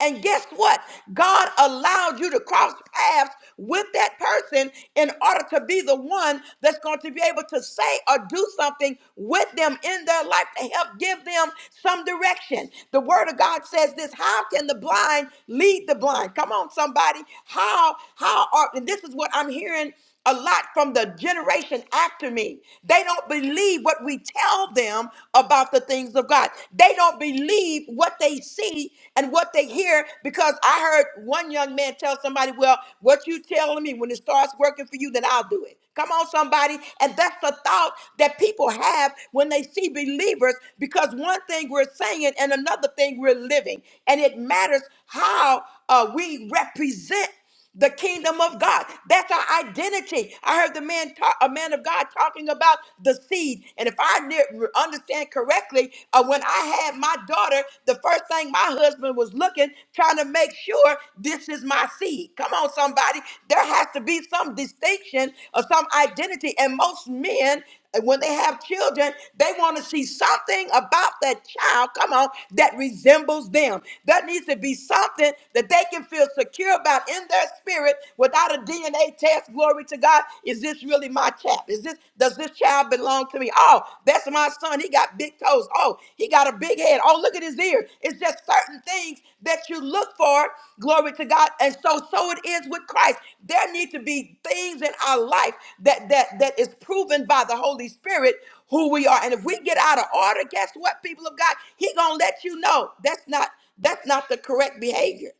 S1: And guess what? God allowed you to cross paths with that person in order to be the one that's going to be able to say or do something with them in their life to help give them some direction. The word of God says this, how can the blind lead the blind? Come on somebody. How how are and this is what I'm hearing a lot from the generation after me. They don't believe what we tell them about the things of God. They don't believe what they see and what they hear because I heard one young man tell somebody, Well, what you telling me when it starts working for you, then I'll do it. Come on, somebody. And that's the thought that people have when they see believers because one thing we're saying and another thing we're living. And it matters how uh, we represent the kingdom of God. That's our identity. I heard the man, talk, a man of God, talking about the seed. And if I ne- understand correctly, uh, when I had my daughter, the first thing my husband was looking, trying to make sure this is my seed. Come on, somebody. There has to be some distinction or some identity. And most men and when they have children, they want to see something about that child, come on, that resembles them. That needs to be something that they can feel secure about in their spirit without a DNA test. Glory to God. Is this really my chap? Is this does this child belong to me? Oh, that's my son. He got big toes. Oh, he got a got a big head. Oh, look at his ears! It's just certain things that you look for. Glory to God. And so, so it is with Christ. There need to be things in our life that that that is proven by the Holy Spirit who we are. And if we get out of order, guess what, people of God? He gonna let you know that's not that's not the correct behavior.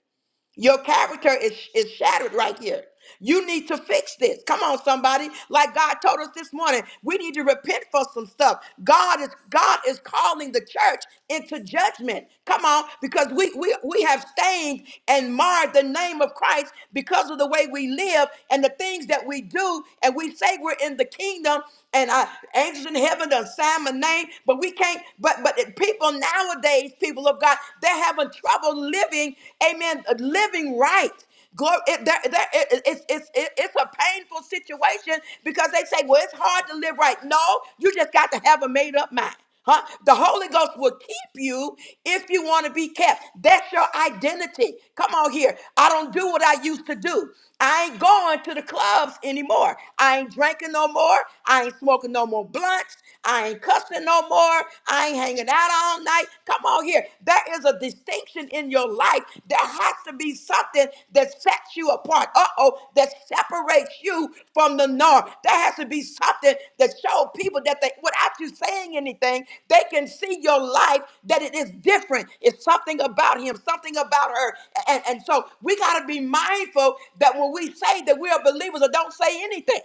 S1: Your character is, is shattered right here. You need to fix this. Come on, somebody. Like God told us this morning, we need to repent for some stuff. God is God is calling the church into judgment. Come on, because we we, we have stained and marred the name of Christ because of the way we live and the things that we do, and we say we're in the kingdom and uh, angels in heaven done sign my name, but we can't, but but people nowadays people of God. They're having trouble living, amen, uh, living right. Glory, it, there, there, it, it- it's, it's, it- it's a painful situation because they say, well, it's hard to live right. No, you just got to have a made up mind. Huh? The Holy Ghost will keep you if you want to be kept. That's your identity. Come on here. I don't do what I used to do. I ain't going to the clubs anymore. I ain't drinking no more. I ain't smoking no more blunts. I ain't cussing no more. I ain't hanging out all night. Come on here. There is a distinction in your life. There has to be something that sets you apart. Uh oh, that separates separates you from the norm. There has to be something that shows people that they, without you saying anything, they can see your life that it is different. It's something about him, something about her. And, and so we got to be mindful that when we say that we are believers or don't say anything,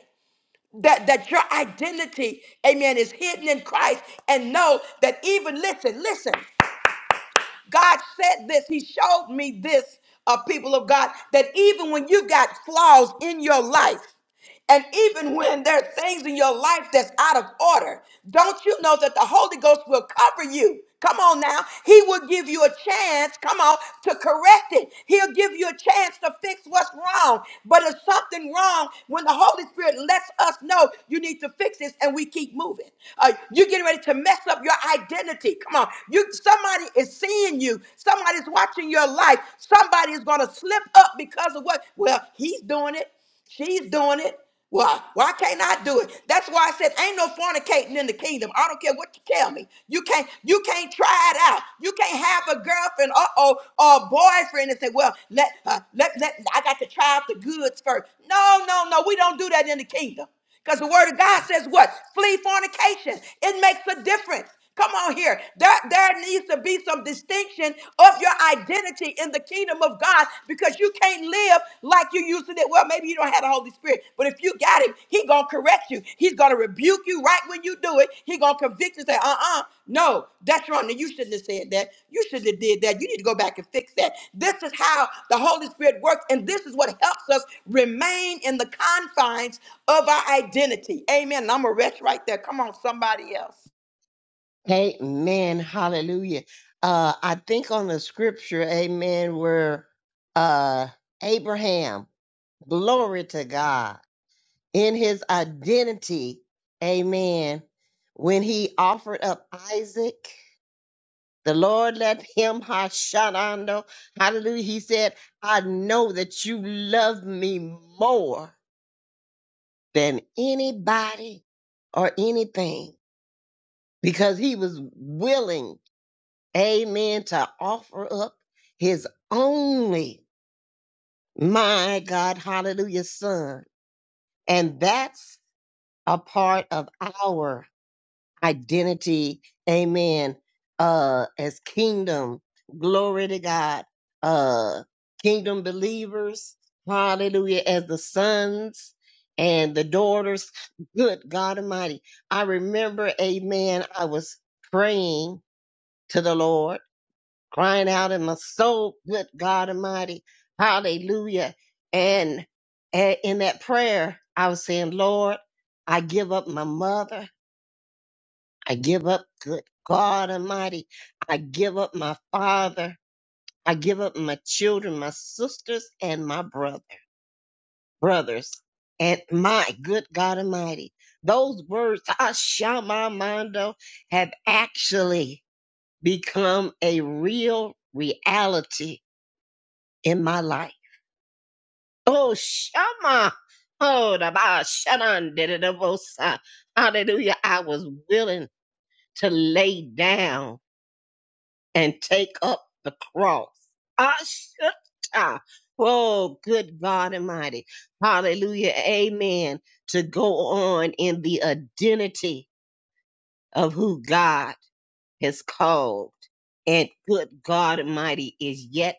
S1: that, that your identity, amen, is hidden in Christ. And know that even, listen, listen, God said this, He showed me this, uh, people of God, that even when you got flaws in your life, and even when there are things in your life that's out of order, don't you know that the Holy Ghost will cover you? Come on now. He will give you a chance, come on, to correct it. He'll give you a chance to fix what's wrong. But if something wrong, when the Holy Spirit lets us know you need to fix this and we keep moving. Uh, you're getting ready to mess up your identity. Come on. You somebody is seeing you. Somebody's watching your life. Somebody is gonna slip up because of what well, he's doing it. She's doing it. Why? Why can't I do it? That's why I said ain't no fornicating in the kingdom. I don't care what you tell me. You can't you can't try it out. You can't have a girlfriend uh oh or a boyfriend and say, well, let uh, let let I got to try out the goods first. No, no, no, we don't do that in the kingdom. Because the word of God says what? Flee fornication. It makes a difference. Come on here. There, there needs to be some distinction of your identity in the kingdom of God because you can't live like you used to. live. Well, maybe you don't have the Holy Spirit, but if you got him, he gonna correct you. He's gonna rebuke you you right when you do it. He gonna convict you and say, uh-uh, no, that's wrong. you shouldn't have said that. You shouldn't have did that. You need to go back and fix that. This is how the Holy Spirit works, and this is what helps us remain in the confines of our identity. Amen. And I'm gonna rest right there. Come on, somebody else.
S4: Amen. Hallelujah. Uh I think on the scripture, amen, where uh Abraham Glory to God. In his identity, amen. When he offered up Isaac, the Lord let him Hashanah. Hallelujah. He said, I know that you love me more than anybody or anything. Because he was willing, amen, to offer up his only, my God, hallelujah, son. And that's a part of our identity. Amen. Uh, as kingdom, glory to God. Uh, kingdom believers. Hallelujah. As the sons and the daughters. Good God Almighty. I remember, amen. I was praying to the Lord, crying out in my soul. Good God Almighty. Hallelujah. And, and in that prayer, I was saying, Lord, I give up my mother. I give up, good God Almighty. I give up my father. I give up my children, my sisters, and my brother, brothers. And my good God Almighty, those words, Ashamamando, have actually become a real reality in my life. Oh, Shama. Oh, the ba shanan did it, de hallelujah. I was willing to lay down and take up the cross. Ashata. Oh, good God Almighty. Hallelujah. Amen. To go on in the identity of who God has called. And good God Almighty is yet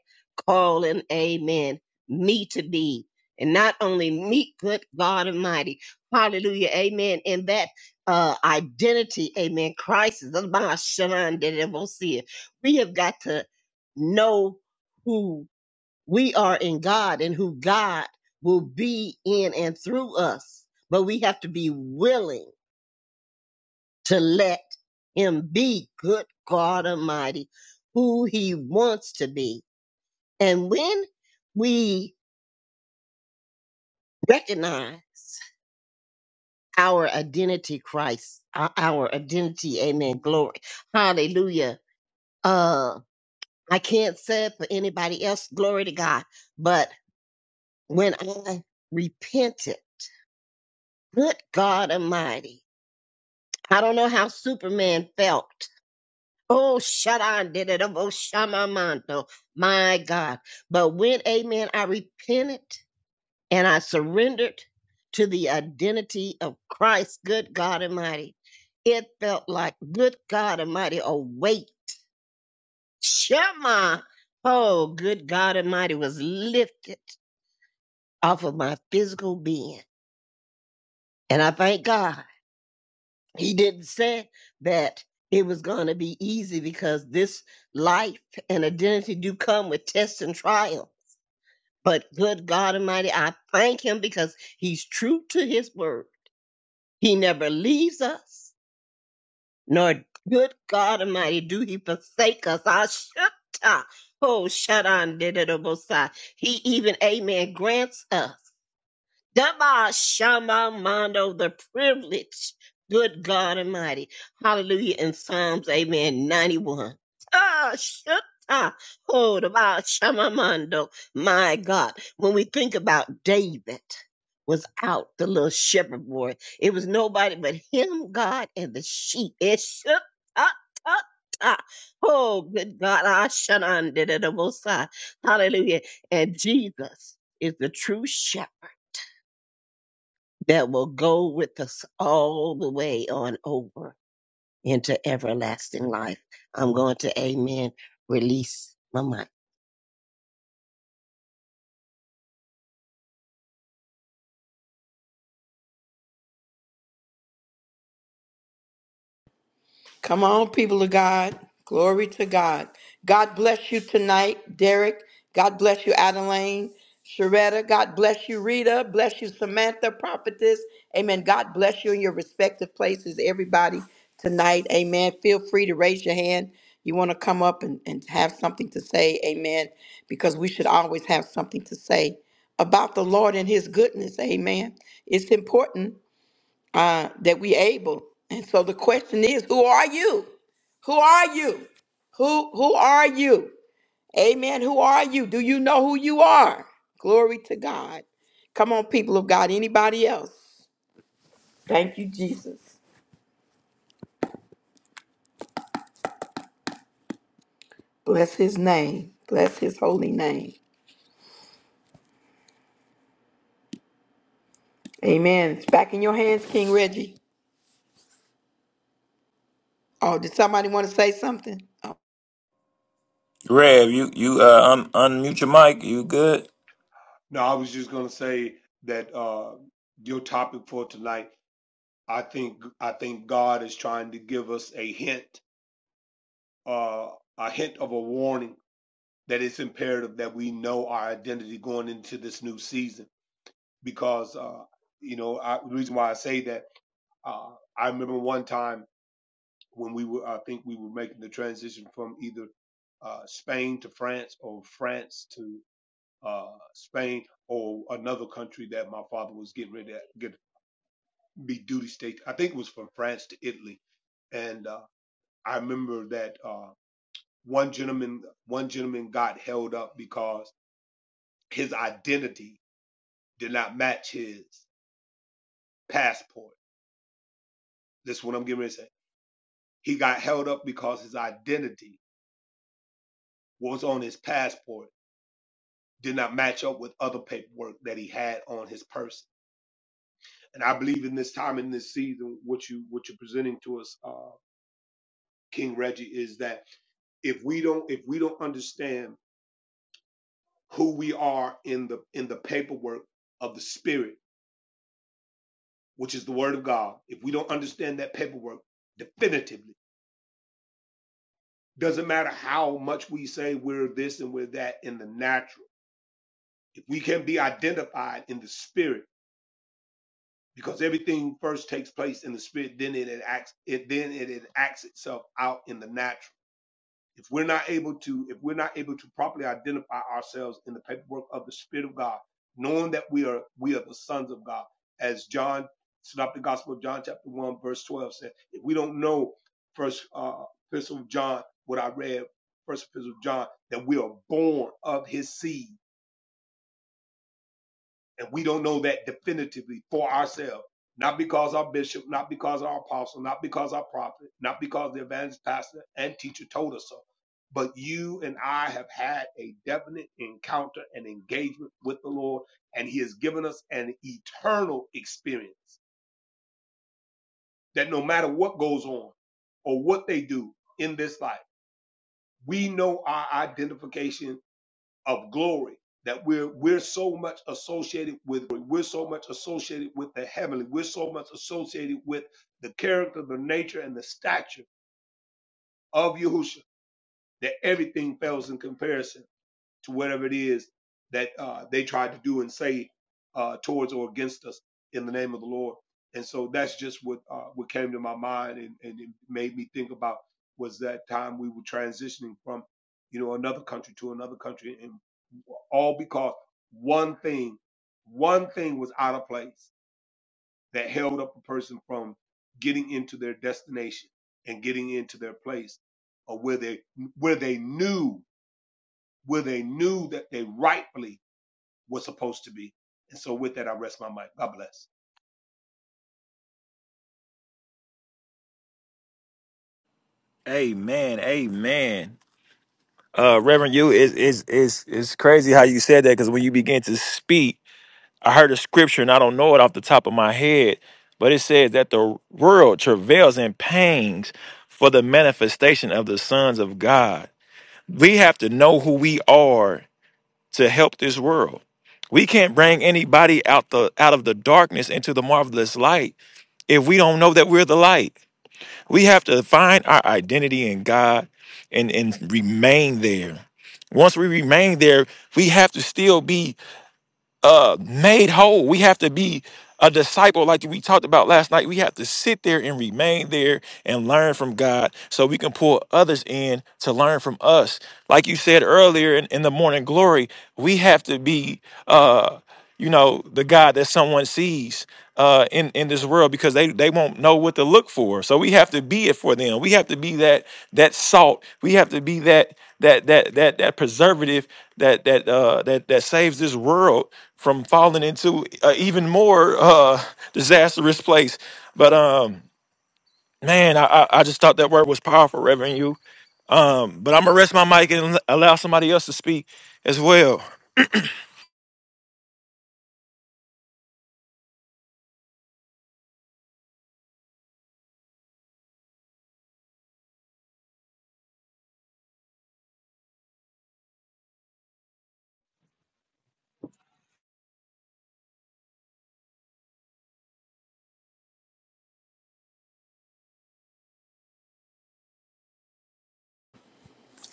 S4: calling, amen, me to be. And not only me, good God Almighty, hallelujah, amen, in that uh, identity, amen, crisis. that's my shalom, that it will We have got to know who we are in God and who God will be in and through us. But we have to be willing to let him be good God Almighty, who he wants to be. And when we recognize our identity, Christ, uh, our identity, amen, glory, hallelujah. Uh, I can't say it for anybody else, glory to God, but when I repented, good God Almighty, I don't know how Superman felt Oh, Shaddai did it. Oh, Shamamanto. My God. But when, amen, I repented and I surrendered to the identity of Christ, good God Almighty, it felt like, good God Almighty, a weight. Shema. Oh, good God Almighty was lifted off of my physical being. And I thank God. he didn't say that it was going to be easy because this life and identity do come with tests and trial. But good God Almighty, I thank him because he's true to his word. He never leaves us, nor good God Almighty do he forsake us. I shut up. Oh, shut on, did it, He even, amen, grants us. Daba Shama Mondo, the privilege. Good God Almighty. Hallelujah. In Psalms, amen, 91. Ah, Shutta. Oh, Daba Shama Mondo. My God. When we think about David was out, the little shepherd boy, it was nobody but him, God, and the sheep. It shook. Ah, ah, ah. Oh, good God. Ah, Shannon did it. Hallelujah. And Jesus is the true shepherd that will go with us all the way on over into everlasting life. I'm going to, amen, release my mic.
S1: Come on, people of God. Glory to God. God bless you tonight, Derek. God bless you, Adeline. Sharetta, God bless you, Rita. Bless you, Samantha, prophetess. Amen. God bless you in your respective places, everybody, tonight. Amen. Feel free to raise your hand. You want to come up and, and have something to say. Amen. Because we should always have something to say about the Lord and his goodness. Amen. It's important uh, that we able. And so the question is, who are you? Who are you? Who who are you? Amen. Who are you? Do you know who you are? Glory to God. Come on, people of God. Anybody else? Thank you, Jesus. Bless his name. Bless his holy name. Amen. It's back in your hands, King Reggie. Oh, did somebody want to say something? Oh,
S5: Rev, you you uh un- unmute your mic. You good?
S3: No, I was just gonna say that uh, your topic for tonight. I think I think God is trying to give us a hint, uh, a hint of a warning that it's imperative that we know our identity going into this new season because uh, you know I, the reason why I say that uh, I remember one time when we were I think we were making the transition from either uh, Spain to France or France to uh, Spain or another country that my father was getting ready to get be duty state. I think it was from France to Italy, and uh, I remember that uh, one gentleman one gentleman got held up because his identity did not match his passport. This is what I'm getting ready to say He got held up because his identity was on his passport, did not match up with other paperwork that he had on his person. And I believe in this time in this season, what you what you're presenting to us, uh, King Reggie, is that if we don't if we don't understand who we are in the in the paperwork of the spirit which is the word of god if we don't understand that paperwork definitively doesn't matter how much we say we're this and we're that in the natural if we can be identified in the spirit because everything first takes place in the spirit then it acts it then it acts itself out in the natural if we're not able to if we're not able to properly identify ourselves in the paperwork of the spirit of god knowing that we are we are the sons of god as john synoptic gospel of john chapter 1 verse 12 says if we don't know first uh epistle of john what i read first epistle of john that we are born of his seed and we don't know that definitively for ourselves. Not because our bishop, not because our apostle, not because our prophet, not because the evangelist pastor and teacher told us so. But you and I have had a definite encounter and engagement with the Lord, and He has given us an eternal experience that no matter what goes on or what they do in this life, we know our identification of glory that we're we're so much associated with we're so much associated with the heavenly we're so much associated with the character the nature and the stature of Yahushua that everything fails in comparison to whatever it is that uh, they tried to do and say uh, towards or against us in the name of the Lord. And so that's just what uh, what came to my mind and, and it made me think about was that time we were transitioning from you know another country to another country and all because one thing one thing was out of place that held up a person from getting into their destination and getting into their place or where they where they knew where they knew that they rightfully was supposed to be. And so with that, I rest my mic. God bless.
S5: Amen. Amen. Uh Reverend you is is is it's crazy how you said that because when you begin to speak. I heard a scripture and I don't know it off the top of my head, but it says that the world travails and pangs for the manifestation of the sons of God. We have to know who we are to help this world. We can't bring anybody out the out of the darkness into the marvelous light if we don't know that we're the light. We have to find our identity in God and, and remain there. Once we remain there, we have to still be uh made whole. We have to be a disciple like we talked about last night. We have to sit there and remain there and learn from God so we can pull others in to learn from us. Like you said earlier in, in the morning glory, we have to be uh you know the God that someone sees uh in in this world because they they won't know what to look for. So we have to be it for them. We have to be that that salt. We have to be that that that that that preservative that that uh that that saves this world from falling into a even more uh, disastrous place. But um, man, I, I I just thought that word was powerful, Reverend. You. Um, but I'm gonna rest my mic and allow somebody else to speak as well.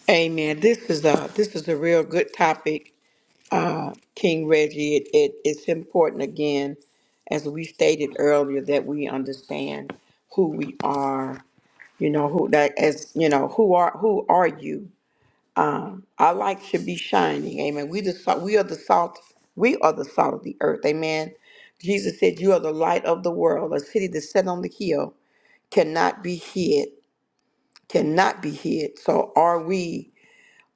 S1: Amen. This is a this is a real good topic. uh, King Reggie, it, it, it's important again, as we stated earlier, that we understand who we are. You know who that as you know who are who are you? Um, our light should be shining. Amen. We the salt. We are the salt. We are the salt of the earth. Amen. Jesus said, "You are the light of the world. A city that's set on the hill cannot be hid. Cannot be hid. So are we?"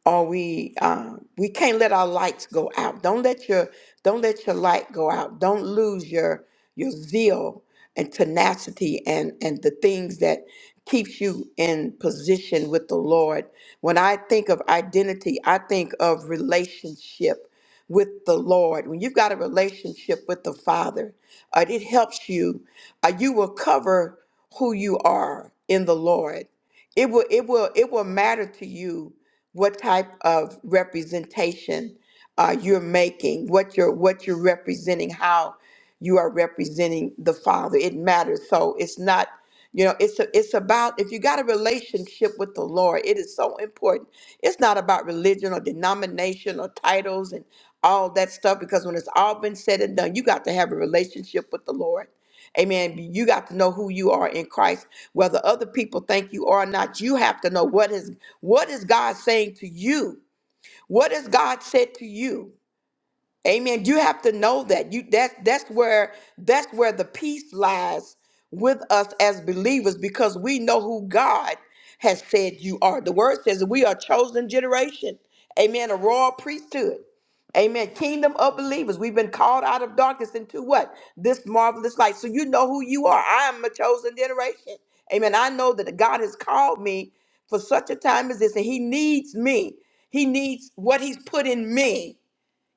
S1: or we um, we can't let our lights go out. Don't let your don't let your light go out. Don't lose your your zeal and tenacity and and the things that keeps you in position with the Lord. When I think of identity, I think of relationship with the Lord. When you've got a relationship with the Father, uh, it helps you. Uh, you will cover who you are in the Lord. It will it will it will matter to you what type of representation uh, you're making, what you're what you're representing, how you are representing the Father. It matters. So it's not, you know, it's a, it's about if you got a relationship with the Lord, it is so important. It's not about religion or denomination or titles and all that stuff because when it's all been said and done, you got to have a relationship with the Lord. Amen. You got to know who you are in Christ, whether other people think you are or not. You have to know what is what is God saying to you. What has God said to you? Amen. You have to know that. You that that's where that's where the peace lies with us as believers because we know who God has said you are. The word says that we are a chosen generation. Amen. A royal priesthood. Amen. Kingdom of believers. We've been called out of darkness into what? This marvelous light. So you know who you are. I am a chosen generation. Amen. I know that God has called me for such a time as this, and He needs me. He needs what He's put in me.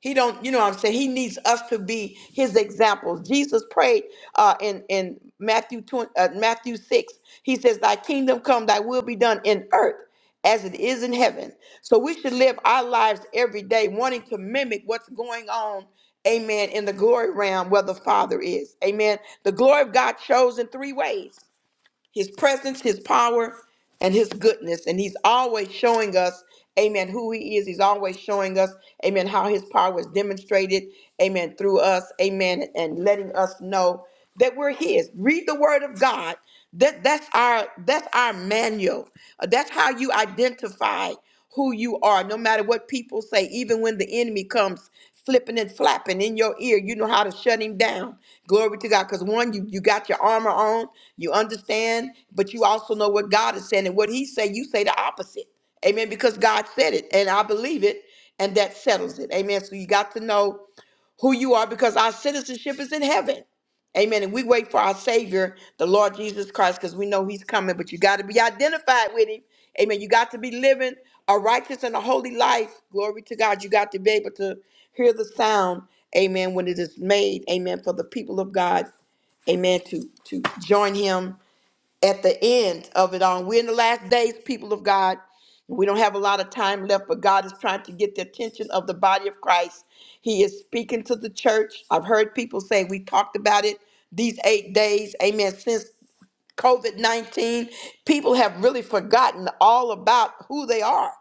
S1: He don't, you know what I'm saying? He needs us to be his examples. Jesus prayed uh, in, in Matthew 20, uh, Matthew 6. He says, Thy kingdom come, thy will be done in earth as it is in heaven. So we should live our lives every day wanting to mimic what's going on, amen, in the glory realm where the Father is. Amen. The glory of God shows in three ways his presence, his power, and his goodness. And he's always showing us, amen, who he is. He's always showing us, amen, how his power is demonstrated, amen, through us, amen, and letting us know that we're his. Read the word of God. That that's our that's our manual. Uh, That's how you identify who you are, no matter what people say, even when the enemy comes flipping and flapping in your ear, you know how to shut him down. Glory to God. Because one, you, you got your armor on, you understand, but you also know what God is saying. And what he say, you say the opposite. Amen. Because God said it, and I believe it, and that settles it. Amen. So you got to know who you are because our citizenship is in heaven. Amen. And we wait for our Savior, the Lord Jesus Christ, because we know He's coming, but you got to be identified with Him. Amen. You got to be living a righteous and a holy life. Glory to God. You got to be able to hear the sound. Amen. When it is made. Amen. For the people of God. Amen. To to join Him at the end of it all. We're in the last days, people of God. We don't have a lot of time left, but God is trying to get the attention of the body of Christ. He is speaking to the church. I've heard people say we talked about it these eight days. Amen. Since COVID 19, people have really forgotten all about who they are.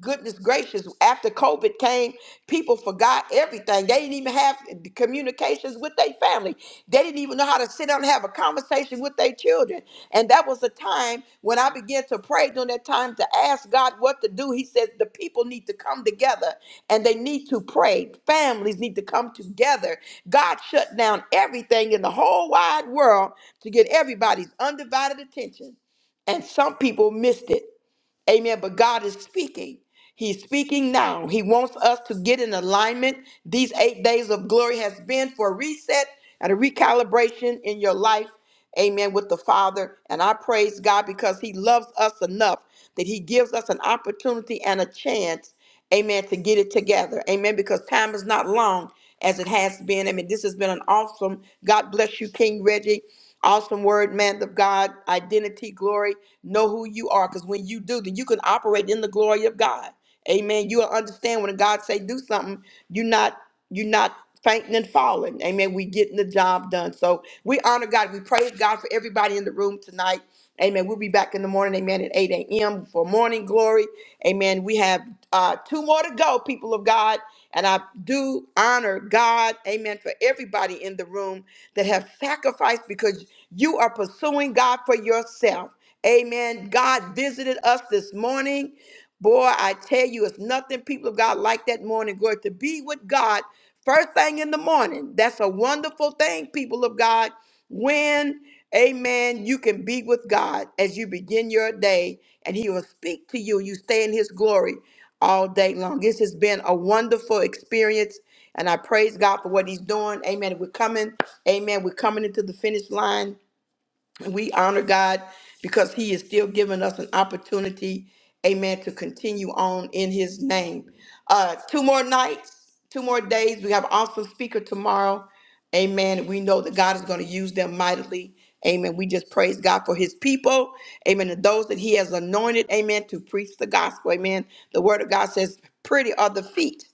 S1: Goodness gracious, after COVID came, people forgot everything. They didn't even have communications with their family. They didn't even know how to sit down and have a conversation with their children and and that was the time when I began to pray during that time to ask God what to do. He says the people need to come together and they need to pray. Families need to come together. God shut down everything in the whole wide world to get everybody's undivided attention. And some people missed it. Amen. But God is speaking. He's speaking now. He wants us to get in alignment. These eight days of glory has been for a reset and a recalibration in your life. Amen. With the Father. And I praise God because He loves us enough that He gives us an opportunity and a chance amen, to get it together, amen, because time is not long as it has been. I mean, this has been an awesome, God bless you, King Reggie, awesome word, man of God, identity, glory, know who you are, because when you do, then you can operate in the glory of God, amen. You'll understand when God say do something, you're not, you're not fainting and falling, amen. We getting the job done. So we honor God, we praise God for everybody in the room tonight. Amen. We'll be back in the morning, amen, at 8 a.m. for morning glory. Amen. We have uh, two more to go, people of God. And I do honor God, amen, for everybody in the room that have sacrificed because you are pursuing God for yourself. Amen. God visited us this morning. Boy, I tell you, it's nothing people of God like that morning glory to be with God first thing in the morning. That's a wonderful thing, people of God when amen you can be with god as you begin your day and he will speak to you you stay in his glory all day long this has been a wonderful experience and i praise god for what he's doing amen we're coming amen we're coming into the finish line and we honor God because He is still giving us an opportunity, amen, to continue on in His name. Uh, two more nights, two more days. We have an awesome speaker tomorrow. Amen. We know that God is going to use them mightily. Amen. We just praise God for his people. Amen. And those that he has anointed. Amen. To preach the gospel. Amen. The word of God says, Pretty are the feet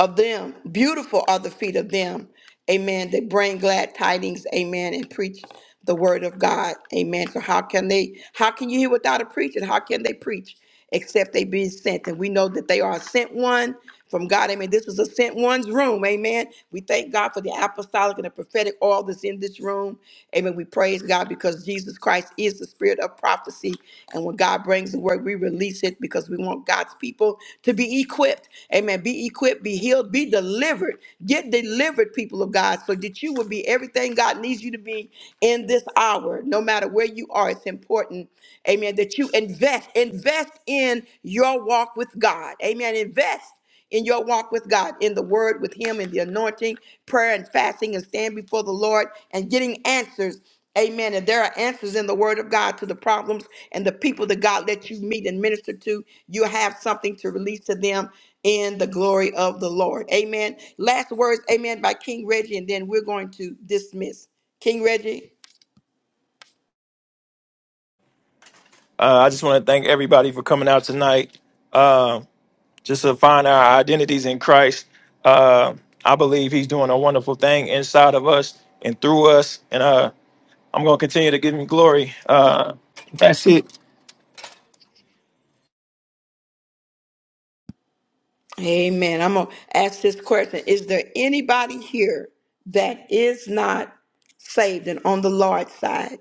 S1: of them. Beautiful are the feet of them. Amen. They bring glad tidings. Amen. And preach the word of God. Amen. So how can they how can you hear without a preacher? How can they preach except they be sent? And we know that they are a sent one from God. Amen. This was a sent one's room. Amen. We thank God for the apostolic and the prophetic oil that's in this room. Amen. We praise God because Jesus. Jesus Christ is the spirit of prophecy. And when God brings the word, we release it because we want God's people to be equipped. Amen. Be equipped, be healed, be delivered. Get delivered, people of God, so that you will be everything God needs you to be in this hour. No matter where you are, it's important, amen, that you invest. Invest in your walk with God. Amen. Invest in your walk with God, in the word with Him, in the anointing, prayer and fasting, and stand before the Lord and getting answers. Amen. And there are answers in the word of God to the problems and the people that God lets you meet and minister to. You have something to release to them in the glory of the Lord. Amen. Last words, amen, by King Reggie, and then we're going to dismiss. King Reggie,
S5: Uh, I just want to thank everybody for coming out tonight. Uh, just to find our identities in Christ. Uh, I believe He's doing a wonderful thing inside of us and through us, and uh, I'm gonna continue to give Him glory. Uh, that's it.
S1: amen. I'm going to ask this question Is there anybody here that is not saved and on the Lord's side?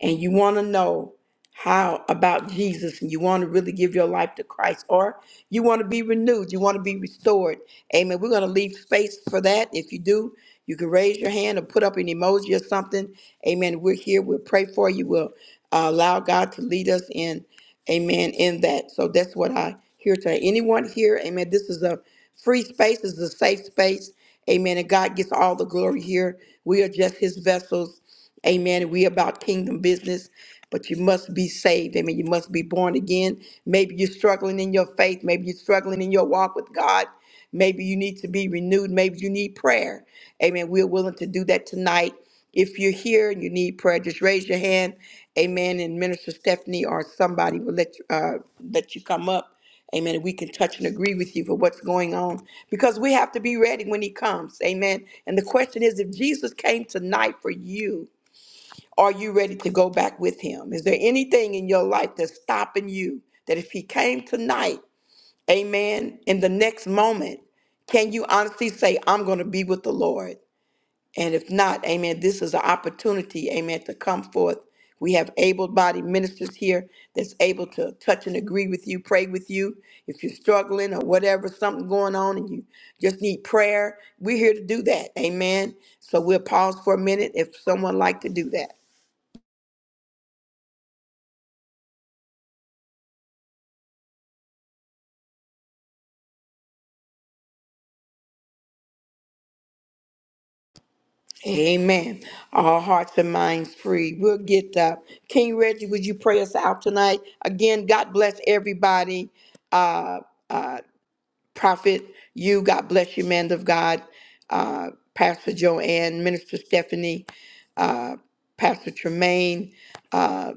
S1: and you want to know how about Jesus and you want to really give your life to Christ or you want to be renewed, you want to be restored. Amen. We're going to leave space for that. If you do, you can raise your hand or put up an emoji or something. Amen. We're here. We'll pray for you. We'll uh, allow God to lead us in. Amen. In that. So that's what I hear today. Anyone here? Amen. This is a free space. This is a safe space. Amen. And God gets all the glory here. We are just his vessels. Amen. We about kingdom business, but you must be saved. Amen. You must be born again. Maybe you're struggling in your faith. Maybe you're struggling in your walk with God. Maybe you need to be renewed. Maybe you need prayer. Amen. We're willing to do that tonight. If you're here and you need prayer, just raise your hand. Amen. And Minister Stephanie or somebody will let you, uh, let you come up. Amen. And we can touch and agree with you for what's going on because we have to be ready when he comes. Amen. And the question is if Jesus came tonight for you, are you ready to go back with him? Is there anything in your life that's stopping you that if he came tonight, amen, in the next moment, can you honestly say, I'm going to be with the Lord? And if not, amen, this is an opportunity, amen, to come forth. We have able bodied ministers here that's able to touch and agree with you, pray with you. If you're struggling or whatever, something going on and you just need prayer, we're here to do that. Amen. So we'll pause for a minute if someone like to do that. Amen. Our hearts and minds free. We'll get up. King Reggie, would you pray us out tonight? Again, God bless everybody. Uh, uh, Prophet, you, God bless you, man of God. Uh, Pastor Joanne, Minister Stephanie, uh, Pastor Tremaine. uh,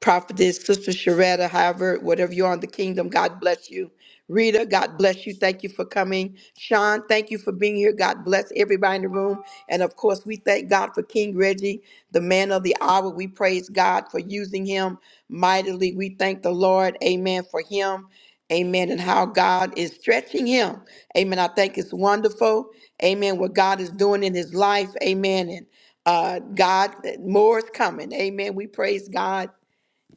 S1: Prophetess, Sister Sharetta, however, whatever you're on the kingdom, God bless you. Rita, God bless you. Thank you for coming. Sean, thank you for being here. God bless everybody in the room. And of course, we thank God for King Reggie, the man of the hour. We praise God for using him mightily. We thank the Lord, amen, for him. Amen. And how God is stretching him. Amen. I think it's wonderful. Amen. What God is doing in his life. Amen. And uh, God, more is coming. Amen. We praise God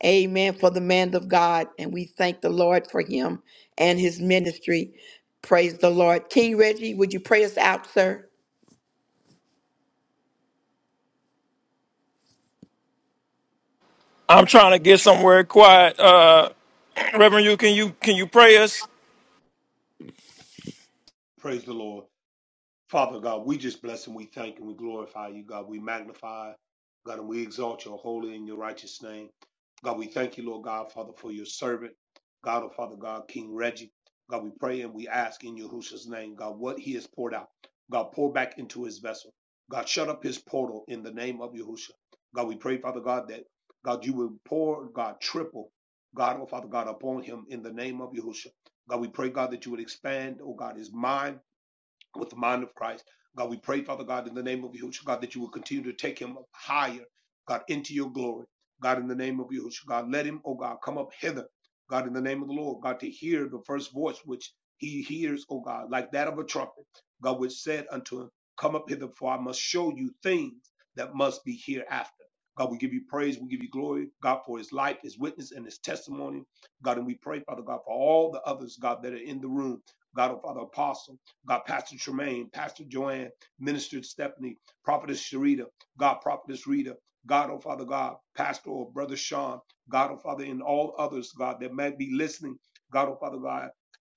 S1: Amen. For the man of God. And we thank the Lord for him and his ministry. Praise the Lord. King Reggie, would you pray us out, sir?
S5: I'm trying to get somewhere quiet. Uh, Reverend, you can you can you pray us?
S3: Praise the Lord. Father God, we just bless and we thank and we glorify you, God. We magnify, God, and we exalt your holy and your righteous name. God, we thank you, Lord God, Father, for your servant, God, oh Father God, King Reggie. God, we pray and we ask in Yahushua's name, God, what he has poured out. God, pour back into his vessel. God, shut up his portal in the name of Yahushua. God, we pray, Father God, that God, you will pour, God, triple, God, oh Father God, upon him in the name of Yahushua. God, we pray, God, that you would expand, oh God, his mind with the mind of Christ. God, we pray, Father God, in the name of Yahushua, God, that you will continue to take him up higher, God, into your glory. God, in the name of Yahushua, God, let him, oh God, come up hither. God, in the name of the Lord, God, to hear the first voice which he hears, oh God, like that of a trumpet. God, which said unto him, Come up hither, for I must show you things that must be hereafter. God, we give you praise, we give you glory, God, for his life, his witness, and his testimony. God, and we pray, Father God, for all the others, God, that are in the room. God, oh Father, apostle. God, Pastor Tremaine, Pastor Joanne, Minister Stephanie, Prophetess Sharita, God, Prophetess Rita, God, oh Father God, Pastor or Brother Sean, God, oh Father, and all others, God, that might be listening, God, oh Father God,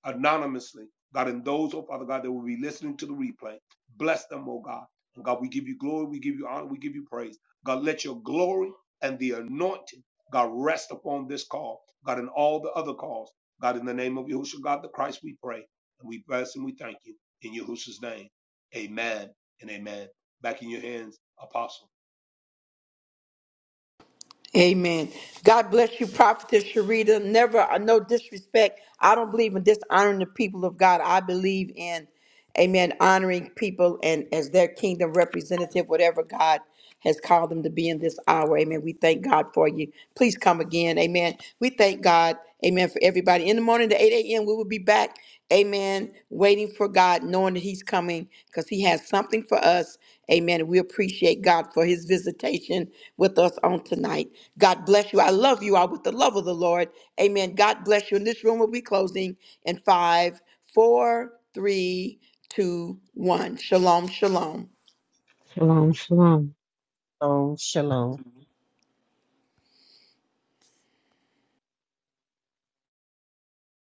S3: anonymously, God, and those, oh Father God, that will be listening to the replay. Bless them, oh God. And God, we give you glory, we give you honor, we give you praise. God, let your glory and the anointing, God, rest upon this call, God, and all the other calls. God, in the name of Yahushua, God the Christ, we pray. And we bless and we thank you in Yahushua's name. Amen and amen. Back in your hands, Apostle.
S1: Amen. God bless you, Prophetess Sharita. Never, uh, no disrespect. I don't believe in dishonoring the people of God. I believe in, amen, honoring people and as their kingdom representative, whatever God has called them to be in this hour. Amen. We thank God for you. Please come again. Amen. We thank God. Amen. For everybody. In the morning at 8 a.m., we will be back. Amen. Waiting for God, knowing that He's coming because He has something for us. Amen. we appreciate God for His visitation with us on tonight. God bless you. I love you all with the love of the Lord. Amen. God bless you. And this room will be closing in five, four, three, two, one. Shalom, shalom.
S2: Shalom, shalom.
S4: Shalom, shalom.